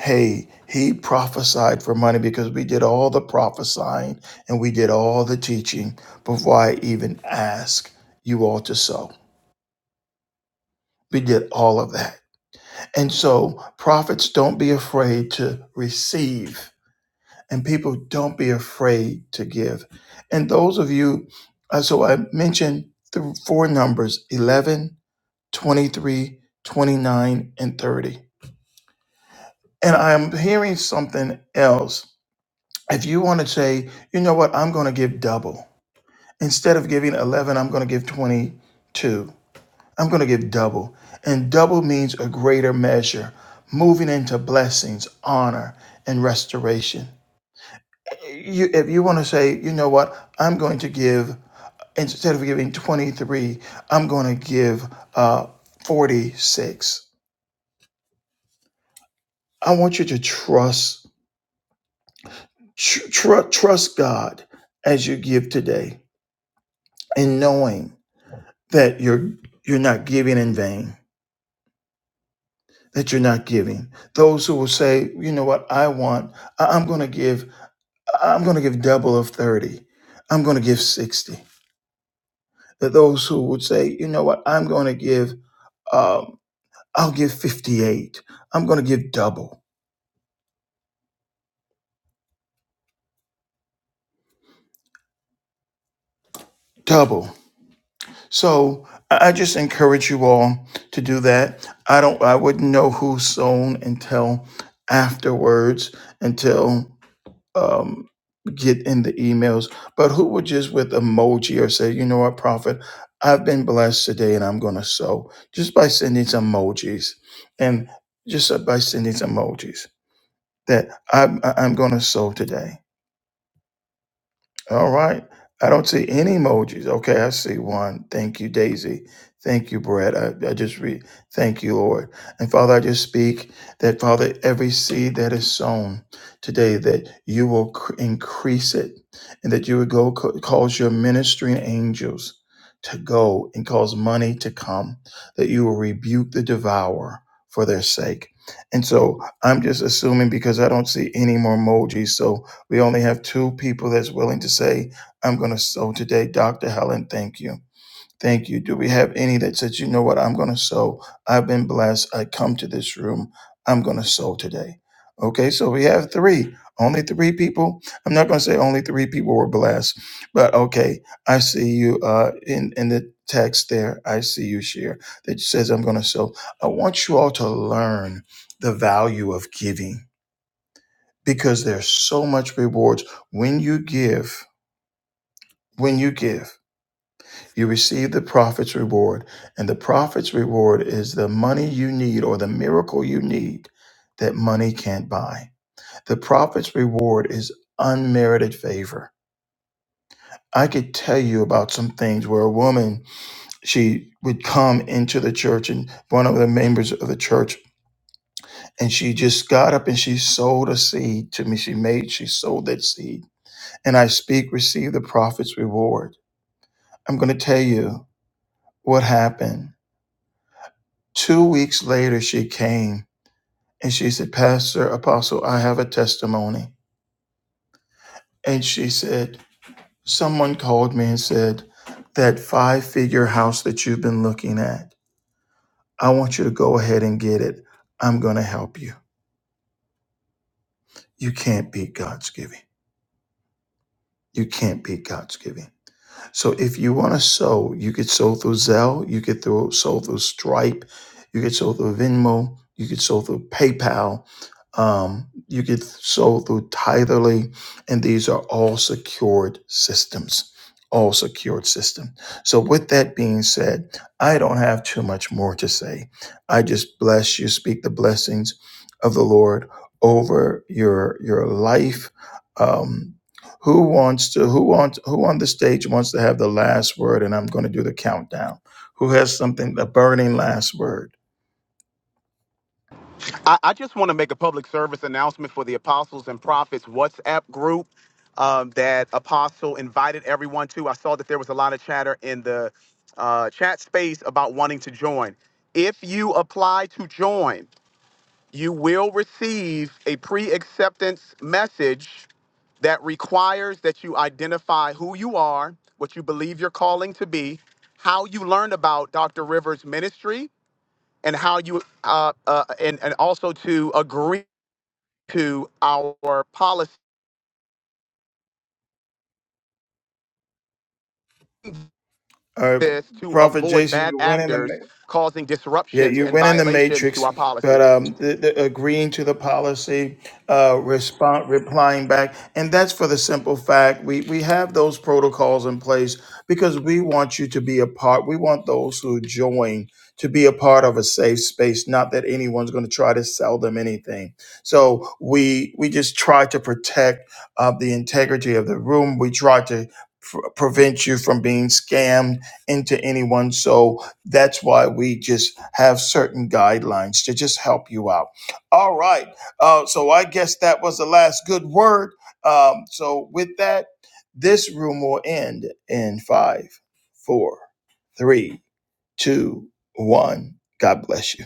hey, he prophesied for money because we did all the prophesying and we did all the teaching before I even asked you all to sow. We did all of that. And so, prophets, don't be afraid to receive, and people, don't be afraid to give. And those of you, uh, so I mentioned the four numbers 11, 23, 29, and 30. And I'm hearing something else If you want to say, you know what, I'm going to give double. Instead of giving 11, I'm going to give 22. I'm going to give double. And double means a greater measure, moving into blessings, honor, and restoration. You, if you want to say, you know what, I'm going to give, instead of giving 23, I'm going to give uh, 46. I want you to trust, tr- tr- trust God as you give today and knowing. that you're you're not giving in vain that you're not giving those who will say you know what i want I- i'm going to give I- am going to give double of 30 i'm going to give 60 that those who would say you know what i'm going to give um, i'll give 58 i'm going to give double double so i I just encourage you all to do that i don't i wouldn't know who sown until afterwards until um, get in the emails, but who would just with emoji or say, you know what, Prophet, I've been blessed today and I'm going to sow just by sending some emojis and just uh, by sending some emojis that I'm, I'm going to sow today. All right. I don't see any emojis. Okay, I see one. Thank you, Daisy. Thank you, Brett. I, I just read, thank you, Lord. And Father, I just speak that, Father, every seed that is sown today, that you will cr- increase it and that you would go co- cause your ministering angels to go and cause money to come, that you will rebuke the devourer for their sake. And so I'm just assuming because I don't see any more emojis. So we only have two people that's willing to say, I'm going to sow today. Dr. Helen, thank you. Thank you. Do we have any that says, you know what? I'm going to sow. I've been blessed. I come to this room. I'm going to sow today. Okay, so we have three. Only three people. I'm not going to say only three people were blessed, but okay, I see you uh, in, in the text there. I see you share that says, I'm going to sow. I want you all to learn the value of giving because there's so much rewards when you give when you give you receive the prophet's reward and the prophet's reward is the money you need or the miracle you need that money can't buy the prophet's reward is unmerited favor i could tell you about some things where a woman she would come into the church and one of the members of the church and she just got up and she sowed a seed to me she made she sowed that seed and I speak, receive the prophet's reward. I'm going to tell you what happened. Two weeks later, she came and she said, Pastor, Apostle, I have a testimony. And she said, Someone called me and said, That five figure house that you've been looking at, I want you to go ahead and get it. I'm going to help you. You can't beat God's giving. You can't beat God's giving. So if you want to sow, you could sow through Zelle, you could throw, sow through Stripe, you could sow through Venmo, you could sow through PayPal, um, you could sow through Titherly, and these are all secured systems. All secured system. So, with that being said, I don't have too much more to say. I just bless you, speak the blessings of the Lord over your your life. Um, who wants to who wants who on the stage wants to have the last word? And I'm going to do the countdown. Who has something a burning last word? I, I just want to make a public service announcement for the Apostles and Prophets WhatsApp group um, that Apostle invited everyone to. I saw that there was a lot of chatter in the uh, chat space about wanting to join. If you apply to join, you will receive a pre acceptance message that requires that you identify who you are, what you believe your calling to be, how you learned about Dr. Rivers' ministry, and how you uh, uh, and and also to agree to our policies, All right, to Prophet avoid Jason, bad you went in the actors causing Yeah, disruptions you and went in the violations to matrix, our but policies. um, the, the agreeing to the policy, uh, respond, replying back, and that's for the simple fact we we have those protocols in place because we want you to be a part. We want those who join to be a part of a safe space. Not that anyone's going to try to sell them anything. So we we just try to protect uh, the integrity of the room. We try to. pr- Prevent you from being scammed into anyone. So that's why we just have certain guidelines to just help you out. All right. Uh, so I guess that was the last good word. Um, so with that, this room will end in five, four, three, two, one. God bless you.